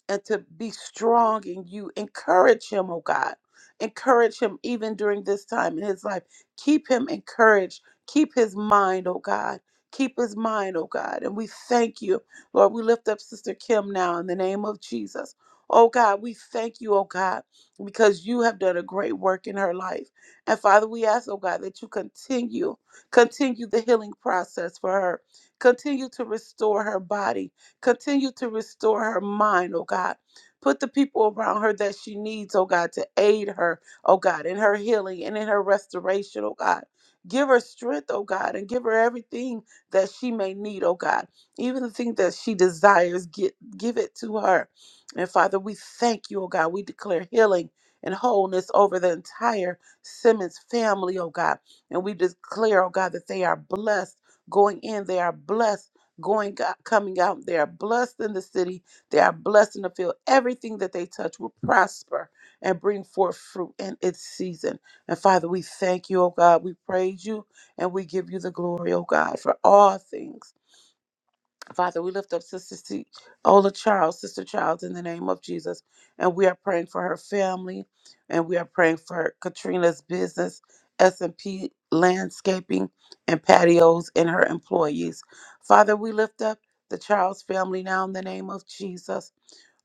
and to be strong in you. Encourage him, oh God. Encourage him even during this time in his life. Keep him encouraged. Keep his mind, oh God. Keep his mind, oh God. And we thank you, Lord. We lift up Sister Kim now in the name of Jesus. Oh God, we thank you, oh God, because you have done a great work in her life. And Father, we ask, oh God, that you continue, continue the healing process for her. Continue to restore her body Continue to restore her mind, oh God. Put the people around her that she needs, oh God, to aid her, oh God, in her healing and in her restoration, oh God. Give her strength, oh God, and give her everything that she may need, oh God. Even the thing that she desires, get, give it to her. And Father, we thank you, oh God. We declare healing and wholeness over the entire Simmons family, oh God. And we declare, oh God, that they are blessed going in. They are blessed going out, coming out. They are blessed in the city. They are blessed in the field. Everything that they touch will prosper and bring forth fruit in its season. And Father, we thank you, oh God. We praise you and we give you the glory, oh God, for all things. Father, we lift up Sister C- Ola Charles, Sister Charles, in the name of Jesus. And we are praying for her family. And we are praying for Katrina's business, S&P landscaping and patios, and her employees. Father, we lift up the Charles family now in the name of Jesus.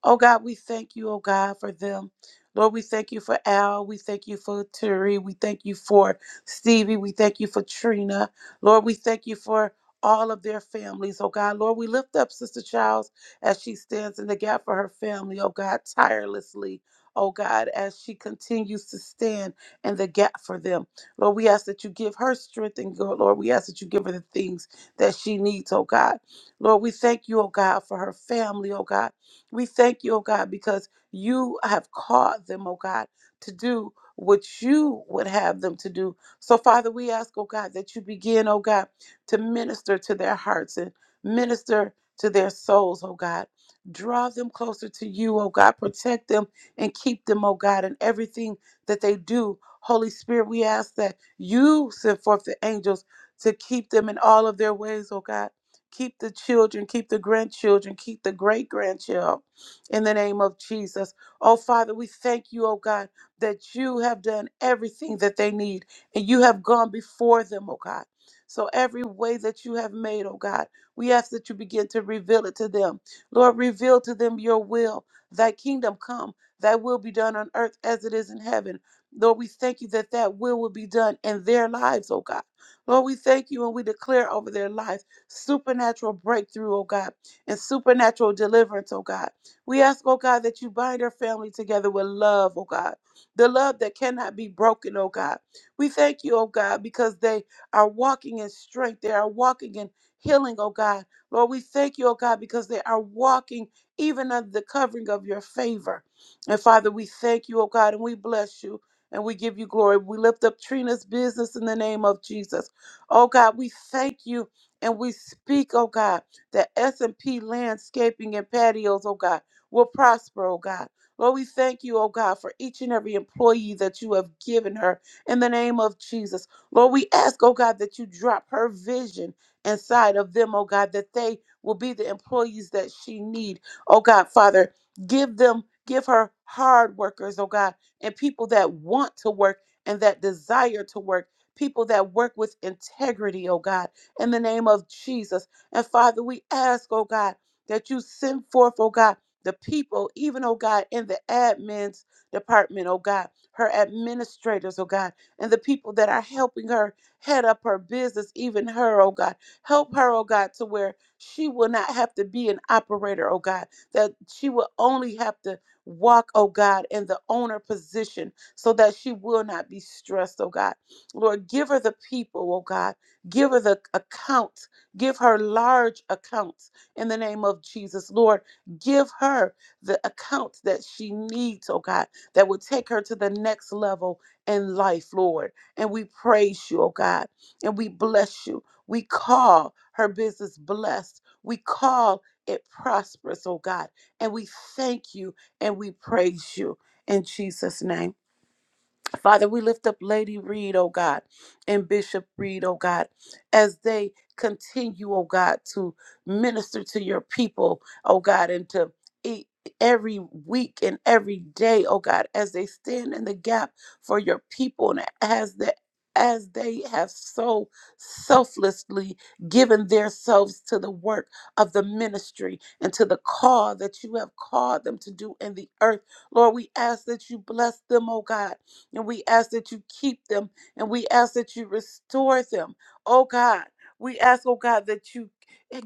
Oh God, we thank you, oh God, for them. Lord, we thank you for Al. We thank you for Turi. We thank you for Stevie. We thank you for Trina. Lord, we thank you for all of their families, oh God. Lord, we lift up Sister Childs as she stands in the gap for her family, oh God, tirelessly. Oh God, as she continues to stand in the gap for them. Lord, we ask that you give her strength and go, Lord, we ask that you give her the things that she needs, oh God. Lord, we thank you, oh God, for her family, oh God. We thank you, oh God, because you have called them, oh God, to do what you would have them to do. So, Father, we ask, oh God, that you begin, oh God, to minister to their hearts and minister to their souls, oh God. Draw them closer to you, oh God. Protect them and keep them, oh God, in everything that they do. Holy Spirit, we ask that you send forth the angels to keep them in all of their ways, oh God. Keep the children, keep the grandchildren, keep the great grandchild in the name of Jesus. Oh, Father, we thank you, oh God, that you have done everything that they need and you have gone before them, oh God. So every way that you have made, oh God, we ask that you begin to reveal it to them. Lord, reveal to them your will, thy kingdom come, thy will be done on earth as it is in heaven. Lord, we thank you that that will will be done in their lives, oh God. Lord, we thank you and we declare over their lives supernatural breakthrough, oh God, and supernatural deliverance, oh God. We ask, oh God, that you bind our family together with love, oh God, the love that cannot be broken, oh God. We thank you, oh God, because they are walking in strength, they are walking in healing, oh God. Lord, we thank you, oh God, because they are walking even under the covering of your favor. And Father, we thank you, oh God, and we bless you. And we give you glory. We lift up Trina's business in the name of Jesus. Oh God, we thank you and we speak, oh God, that S&P landscaping and patios, oh God will prosper, oh God. Lord, we thank you, oh God, for each and every employee that you have given her in the name of Jesus. Lord, we ask, oh God, that you drop her vision inside of them, oh God, that they will be the employees that she need. Oh God, Father, give them, give her hard workers, oh God, and people that want to work and that desire to work, people that work with integrity, oh God, in the name of Jesus. And Father, we ask, oh God, that you send forth, oh God, the people, even, oh God, in the admin's department, oh God, her administrators, oh God, and the people that are helping her head up her business, even her, oh God. Help her, oh God, to where she will not have to be an operator, oh God, that she will only have to walk, oh God, in the owner position so that she will not be stressed, oh God. Lord, give her the people, oh God. Give her the accounts, Give her large accounts in the name of Jesus. Lord, Give her the accounts that she needs, oh God, that will take her to the next level in life, Lord. And we praise you, oh God, and we bless you. We call her business blessed. We call it prosperous, oh God. And we thank you and we praise you in Jesus' name. Father, we lift up Lady Reed, oh God, and Bishop Reed, oh God, as they continue, oh God, to minister to your people, oh God, and to e- every week and every day, oh God, as they stand in the gap for your people and as the as they have so selflessly given themselves to the work of the ministry and to the call that you have called them to do in the earth. Lord, we ask that you bless them, oh God and we ask that you keep them and we ask that you restore them. Oh God, we ask, oh God, that you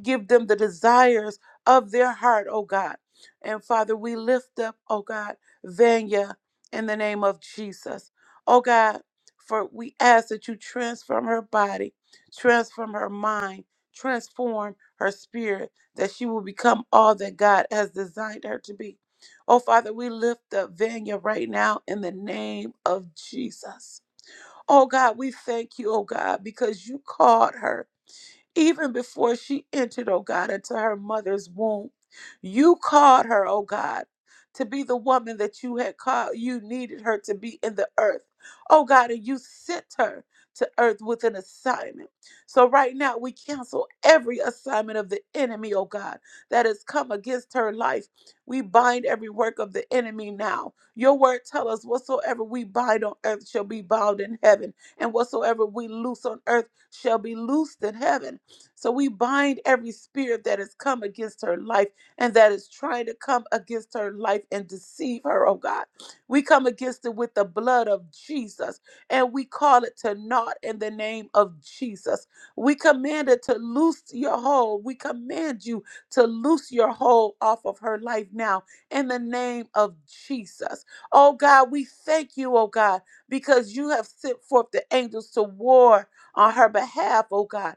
give them the desires of their heart, oh God. And Father, we lift up, oh God, Vanya in the name of Jesus. Oh God, for we ask that you transform her body, transform her mind, transform her spirit, that she will become all that God has designed her to be. Oh, Father, we lift up Vanya right now in the name of Jesus. Oh, God, we thank you, oh, God, because you called her even before she entered, oh God, into her mother's womb. You called her, oh God, to be the woman that you had called, you needed her to be in the earth. Oh God, and you sent her to earth with an assignment. So right now we cancel every assignment of the enemy, oh God, that has come against her life. We bind every work of the enemy now. Your word tell us whatsoever we bind on earth shall be bound in heaven, and whatsoever we loose on earth shall be loosed in heaven. So we bind every spirit that has come against her life and that is trying to come against her life and deceive her, oh God. We come against it with the blood of Jesus and we call it to naught in the name of Jesus. We command it to loose your hold. We command you to loose your hold off of her life now in the name of Jesus. Oh God, we thank you, oh God, because you have sent forth the angels to war on her behalf, oh God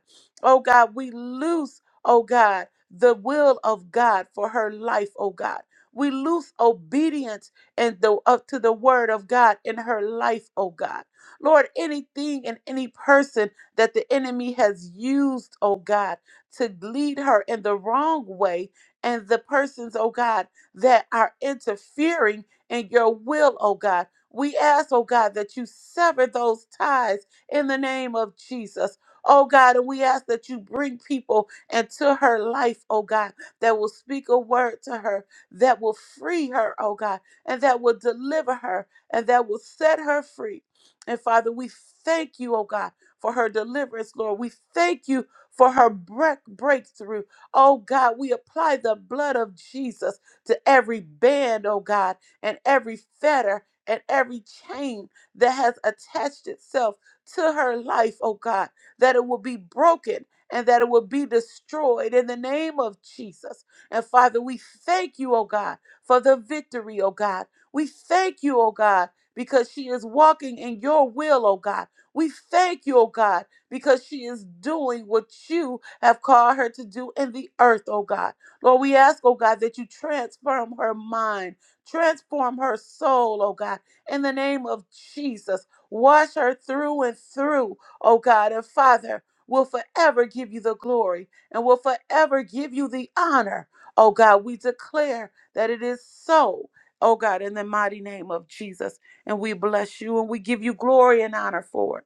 Oh God, we loose, oh God, the will of God for her life, oh God. We loose obedience and the up to the word of God in her life, oh God. Lord, anything and any person that the enemy has used, oh God, to lead her in the wrong way, and the persons, oh God, that are interfering in your will, oh God. We ask, oh God, that you sever those ties in the name of Jesus Oh God, and we ask that you bring people into her life, oh God, that will speak a word to her, that will free her, oh God, and that will deliver her, and that will set her free. And Father, we thank you, oh God, for her deliverance, Lord. We thank you for her break- breakthrough. Oh God, we apply the blood of Jesus to every band, oh God, and every fetter and every chain that has attached itself to her life, oh God that it will be broken and that it will be destroyed in the name of Jesus. And Father, we thank you, oh God, for the victory, oh God. We thank you, oh God, because she is walking in your will, oh God. We thank you, oh God, because she is doing what you have called her to do in the earth, oh God. Lord, we ask, oh God, that you transform her mind, transform her soul, oh God, in the name of Jesus. Wash her through and through O God and Father, will forever give you the glory and will forever give you the honor. O God, we declare that it is so. O God, in the mighty name of Jesus. And we bless you and we give you glory and honor for it.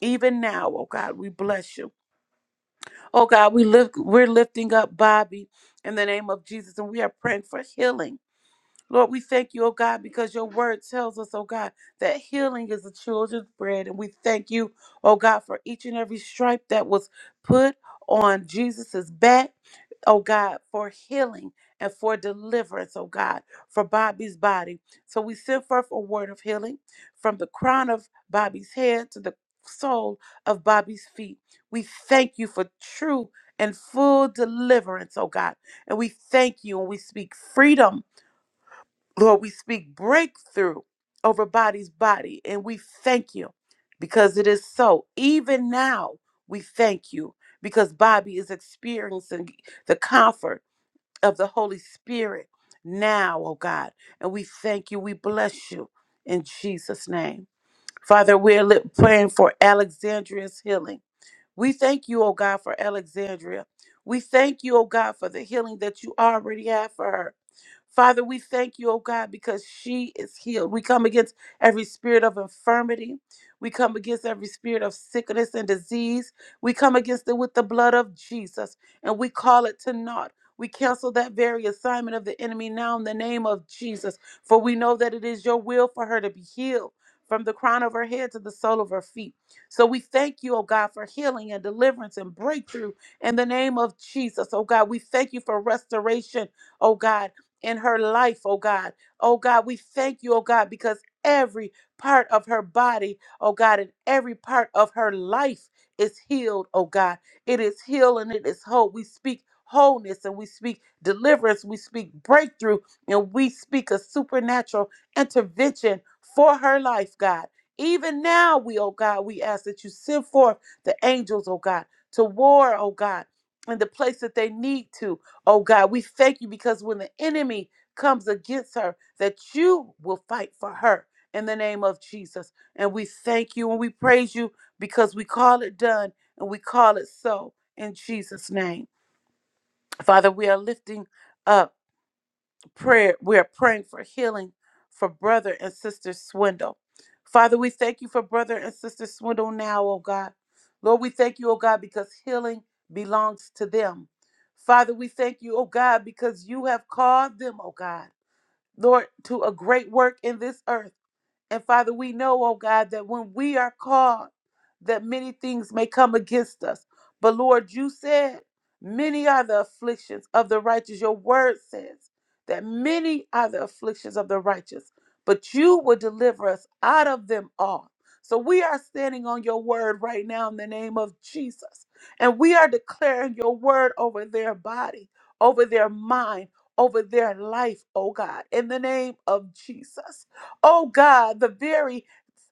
Even now, oh God, we bless you. Oh God, we lift we're lifting up Bobby in the name of Jesus and we are praying for healing Lord, we thank you, oh God, because your word tells us, oh God, that healing is the children's bread. And we thank you, oh God, for each and every stripe that was put on Jesus's back, oh God, for healing and for deliverance, oh God, for Bobby's body. So we send forth a word of healing from the crown of Bobby's head to the sole of Bobby's feet. We thank you for true and full deliverance, oh God. And we thank you and we speak freedom Lord, we speak breakthrough over body's body, and we thank you because it is so. Even now, we thank you because Bobby is experiencing the comfort of the Holy Spirit now, oh God. And we thank you. We bless you in Jesus' name. Father, we're li- praying for Alexandria's healing. We thank you, oh God, for Alexandria. We thank you, oh God, for the healing that you already have for her. Father, we thank you, oh God, because she is healed. We come against every spirit of infirmity. We come against every spirit of sickness and disease. We come against it with the blood of Jesus and we call it to naught. We cancel that very assignment of the enemy now in the name of Jesus, for we know that it is your will for her to be healed from the crown of her head to the sole of her feet. So we thank you, oh God, for healing and deliverance and breakthrough in the name of Jesus, oh God. We thank you for restoration, oh God in her life, oh God. Oh God, we thank you, oh God, because every part of her body, oh God, and every part of her life is healed, oh God. It is healed and it is whole. We speak wholeness and we speak deliverance, we speak breakthrough, and we speak a supernatural intervention for her life, God. Even now, we, oh God, we ask that you send forth the angels, oh God, to war, oh God, in the place that they need to. Oh God, we thank you because when the enemy comes against her, that you will fight for her in the name of Jesus. And we thank you and we praise you because we call it done and we call it so in Jesus' name. Father, we are lifting up prayer. We are praying for healing for brother and sister Swindle. Father, we thank you for brother and sister Swindle now, oh God. Lord, we thank you, oh God, because healing belongs to them. Father, we thank you, oh God, because you have called them, oh God, Lord, to a great work in this earth. And Father, we know, oh God, that when we are called, that many things may come against us. But Lord, you said, many are the afflictions of the righteous. Your word says that many are the afflictions of the righteous, but you will deliver us out of them all. So we are standing on your word right now in the name of Jesus. And we are declaring your word over their body, over their mind, over their life, oh God, in the name of Jesus. Oh God, the very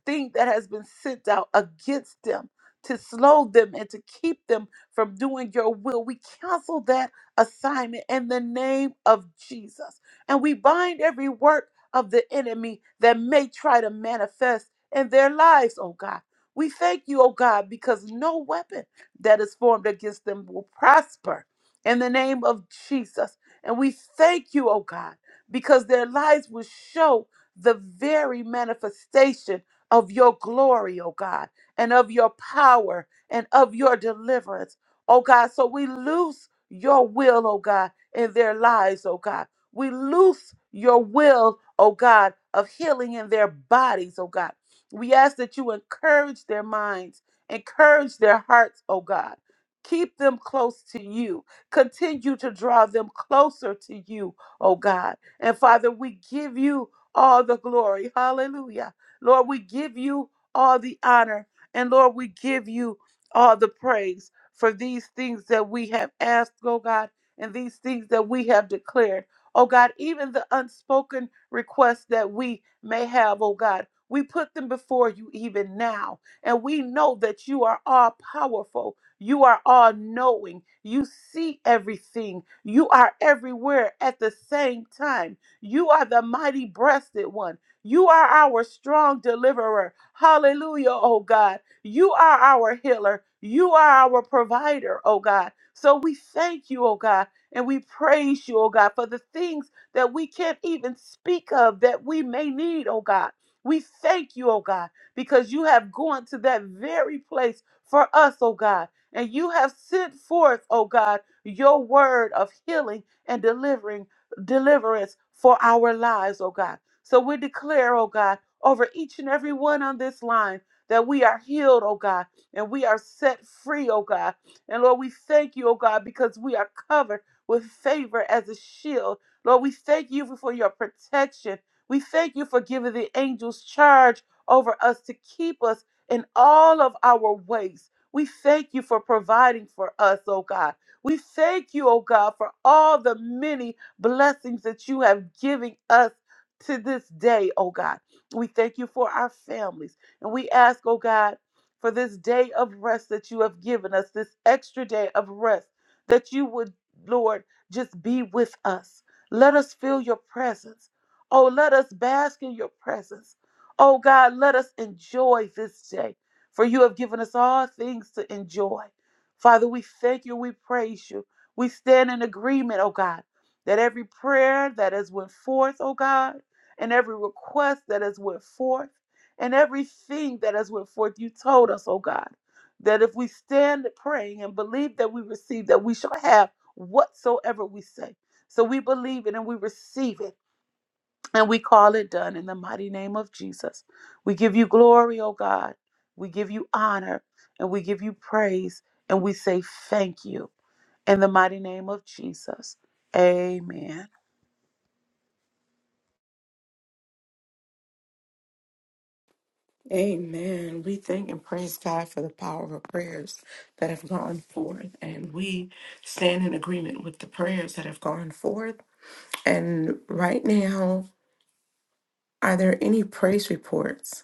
thing that has been sent out against them to slow them and to keep them from doing your will. We cancel that assignment in the name of Jesus. And we bind every work of the enemy that may try to manifest in their lives, oh God. We thank you, oh God, because no weapon that is formed against them will prosper in the name of Jesus. And we thank you, oh God, because their lives will show the very manifestation of your glory, oh God, and of your power and of your deliverance, oh God. So we loose your will, oh God, in their lives, oh God. We loose your will, oh God, of healing in their bodies, oh God. We ask that you encourage their minds, encourage their hearts, oh God. Keep them close to you. Continue to draw them closer to you, oh God. And Father, we give you all the glory. Hallelujah. Lord, we give you all the honor. And Lord, we give you all the praise for these things that we have asked, oh God, and these things that we have declared. Oh God, even the unspoken requests that we may have, oh God, we put them before you even now. And we know that you are all powerful. You are all knowing. You see everything. You are everywhere at the same time. You are the mighty breasted one. You are our strong deliverer. Hallelujah, oh God. You are our healer. You are our provider, oh God. So we thank you, oh God, and we praise you, oh God, for the things that we can't even speak of that we may need, oh God. We thank you, oh God, because you have gone to that very place for us, oh God, and you have sent forth, oh God, your word of healing and delivering deliverance for our lives, oh God. So we declare, oh God, over each and every one on this line that we are healed, oh God, and we are set free, oh God. And Lord, we thank you, oh God, because we are covered with favor as a shield. Lord, we thank you for your protection. We thank you for giving the angels charge over us to keep us in all of our ways. We thank you for providing for us, oh God. We thank you, oh God, for all the many blessings that you have given us to this day, oh God. We thank you for our families. And we ask, oh God, for this day of rest that you have given us, this extra day of rest, that you would, Lord, just be with us. Let us feel your presence. Oh, let us bask in your presence. Oh God, let us enjoy this day, for you have given us all things to enjoy. Father, we thank you, we praise you. We stand in agreement, oh God that every prayer that has went forth, O God, and every request that has went forth, and everything that has went forth, you told us, O God, that if we stand praying and believe that we receive, that we shall have whatsoever we say. So we believe it and we receive it and we call it done in the mighty name of Jesus. We give you glory, O God. We give you honor and we give you praise and we say thank you in the mighty name of Jesus. Amen. Amen. We thank and praise God for the power of prayers that have gone forth. And we stand in agreement with the prayers that have gone forth. And right now, are there any praise reports?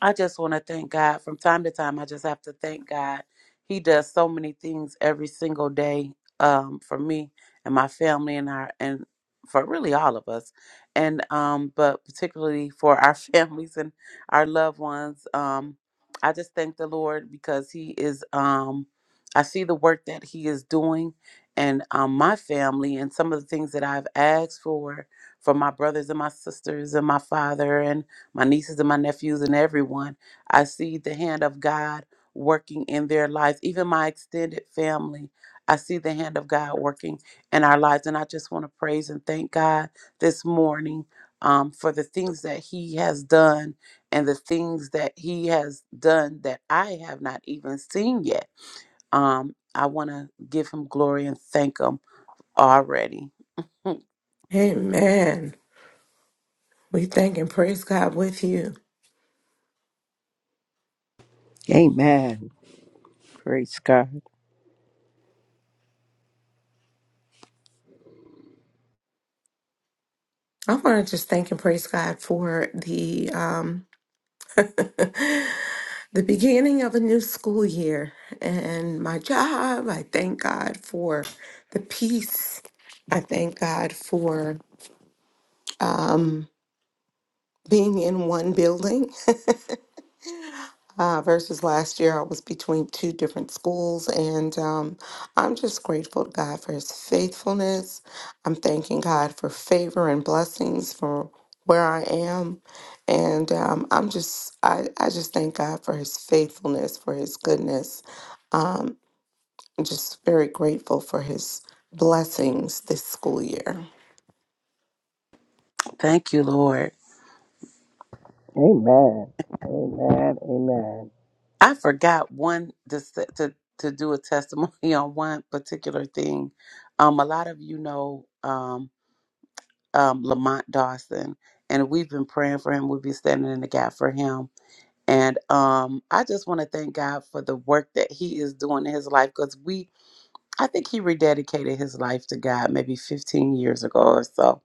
I just want to thank God. From time to time, I just have to thank God. He does so many things every single day um, for me and my family and our and for really all of us, and um, but particularly for our *laughs* families and our loved ones. Um, I just thank the Lord because He is. Um, I see the work that He is doing, and um, my family and some of the things that I've asked for for my brothers and my sisters and my father and my nieces and my nephews and everyone. I see the hand of God working in their lives, even my extended family. I see the hand of God working in our lives. And I just want to praise and thank God this morning um, for the things that He has done and the things that He has done that I have not even seen yet. Um, I want to give Him glory and thank Him already. Amen. We thank and praise God with you. *laughs* Amen. Praise God. I want to just thank and praise God for the um, *laughs* the beginning of a new school year and my job. I thank God for the peace I thank God for being in one building *laughs* uh, versus last year I was between two different schools. And um, I'm just grateful to God for his faithfulness. I'm thanking God for favor and blessings for where I am. And um, I'm just, I, I just thank God for his faithfulness, for his goodness. I'm just very grateful for his blessings this school year. Thank you, Lord. Amen. Amen. Amen. I forgot one just to, to to do a testimony *laughs* on one particular thing. Um, a lot of you know um, um, Lamont Dawson, and we've been praying for him. We've been standing in the gap for him, and um, I just want to thank God for the work that He is doing in his life because we, I think He rededicated his life to God maybe 15 years ago or so,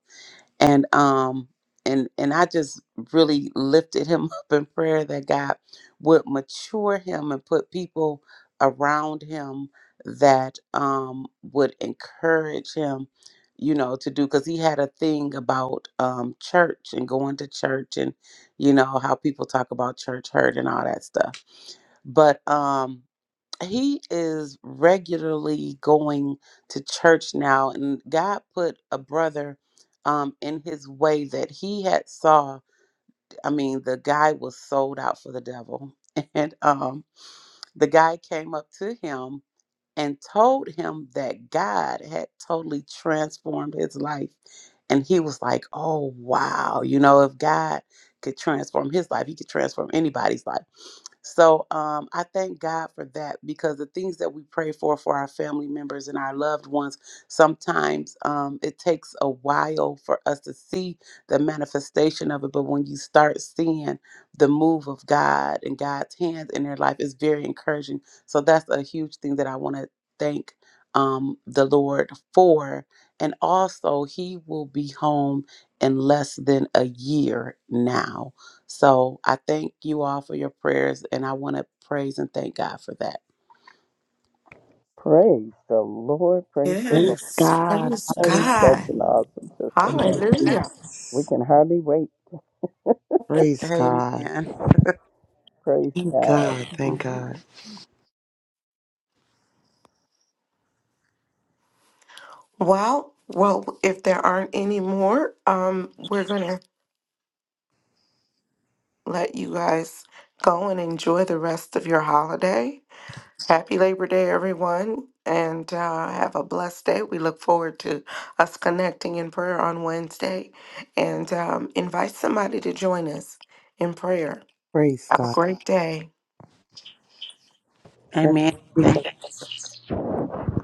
and um and and I just really lifted him *laughs* up in prayer that God would mature him and put people around him that um would encourage him you know to do cuz he had a thing about um church and going to church and you know how people talk about church hurt and all that stuff but um he is regularly going to church now and god put a brother um in his way that he had saw i mean the guy was sold out for the devil *laughs* and um the guy came up to him and told him that god had totally transformed his life and he was like oh wow you know if god could transform his life he could transform anybody's life so um, I thank God for that because the things that we pray for for our family members and our loved ones, sometimes um, it takes a while for us to see the manifestation of it. But when you start seeing the move of God and God's hands in their life, it's very encouraging. So that's a huge thing that I want to thank um, the Lord for. And also, He will be home in less than a year now. So I thank you all for your prayers, and I want to praise and thank God for that. Praise the Lord. Praise the Lord. Praise God. Praise That is Hallelujah. such God. an awesome Thank you, testimony. Hallelujah. We Jesus. can hardly wait. Praise God. Amen. Praise Thank God. God. Thank hmm God. Well, well, if there aren't any more, um, we're gonna let you guys go and enjoy the rest of your holiday. Happy Labor Day, everyone, and uh, have a blessed day. We look forward to us connecting in prayer on Wednesday, and um, invite somebody to join us in prayer. Praise Have a God. great day. Amen. Everyone be Thank blessed.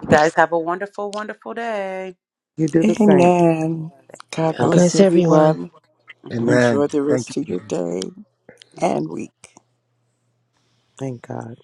you guys. Have a wonderful, wonderful day. You do the same. Amen. Thank God you. God God. bless bless everyone. everyone. hmm Amen. Amen. Enjoy the Thank you. rest of your day hmm and week. Thank God.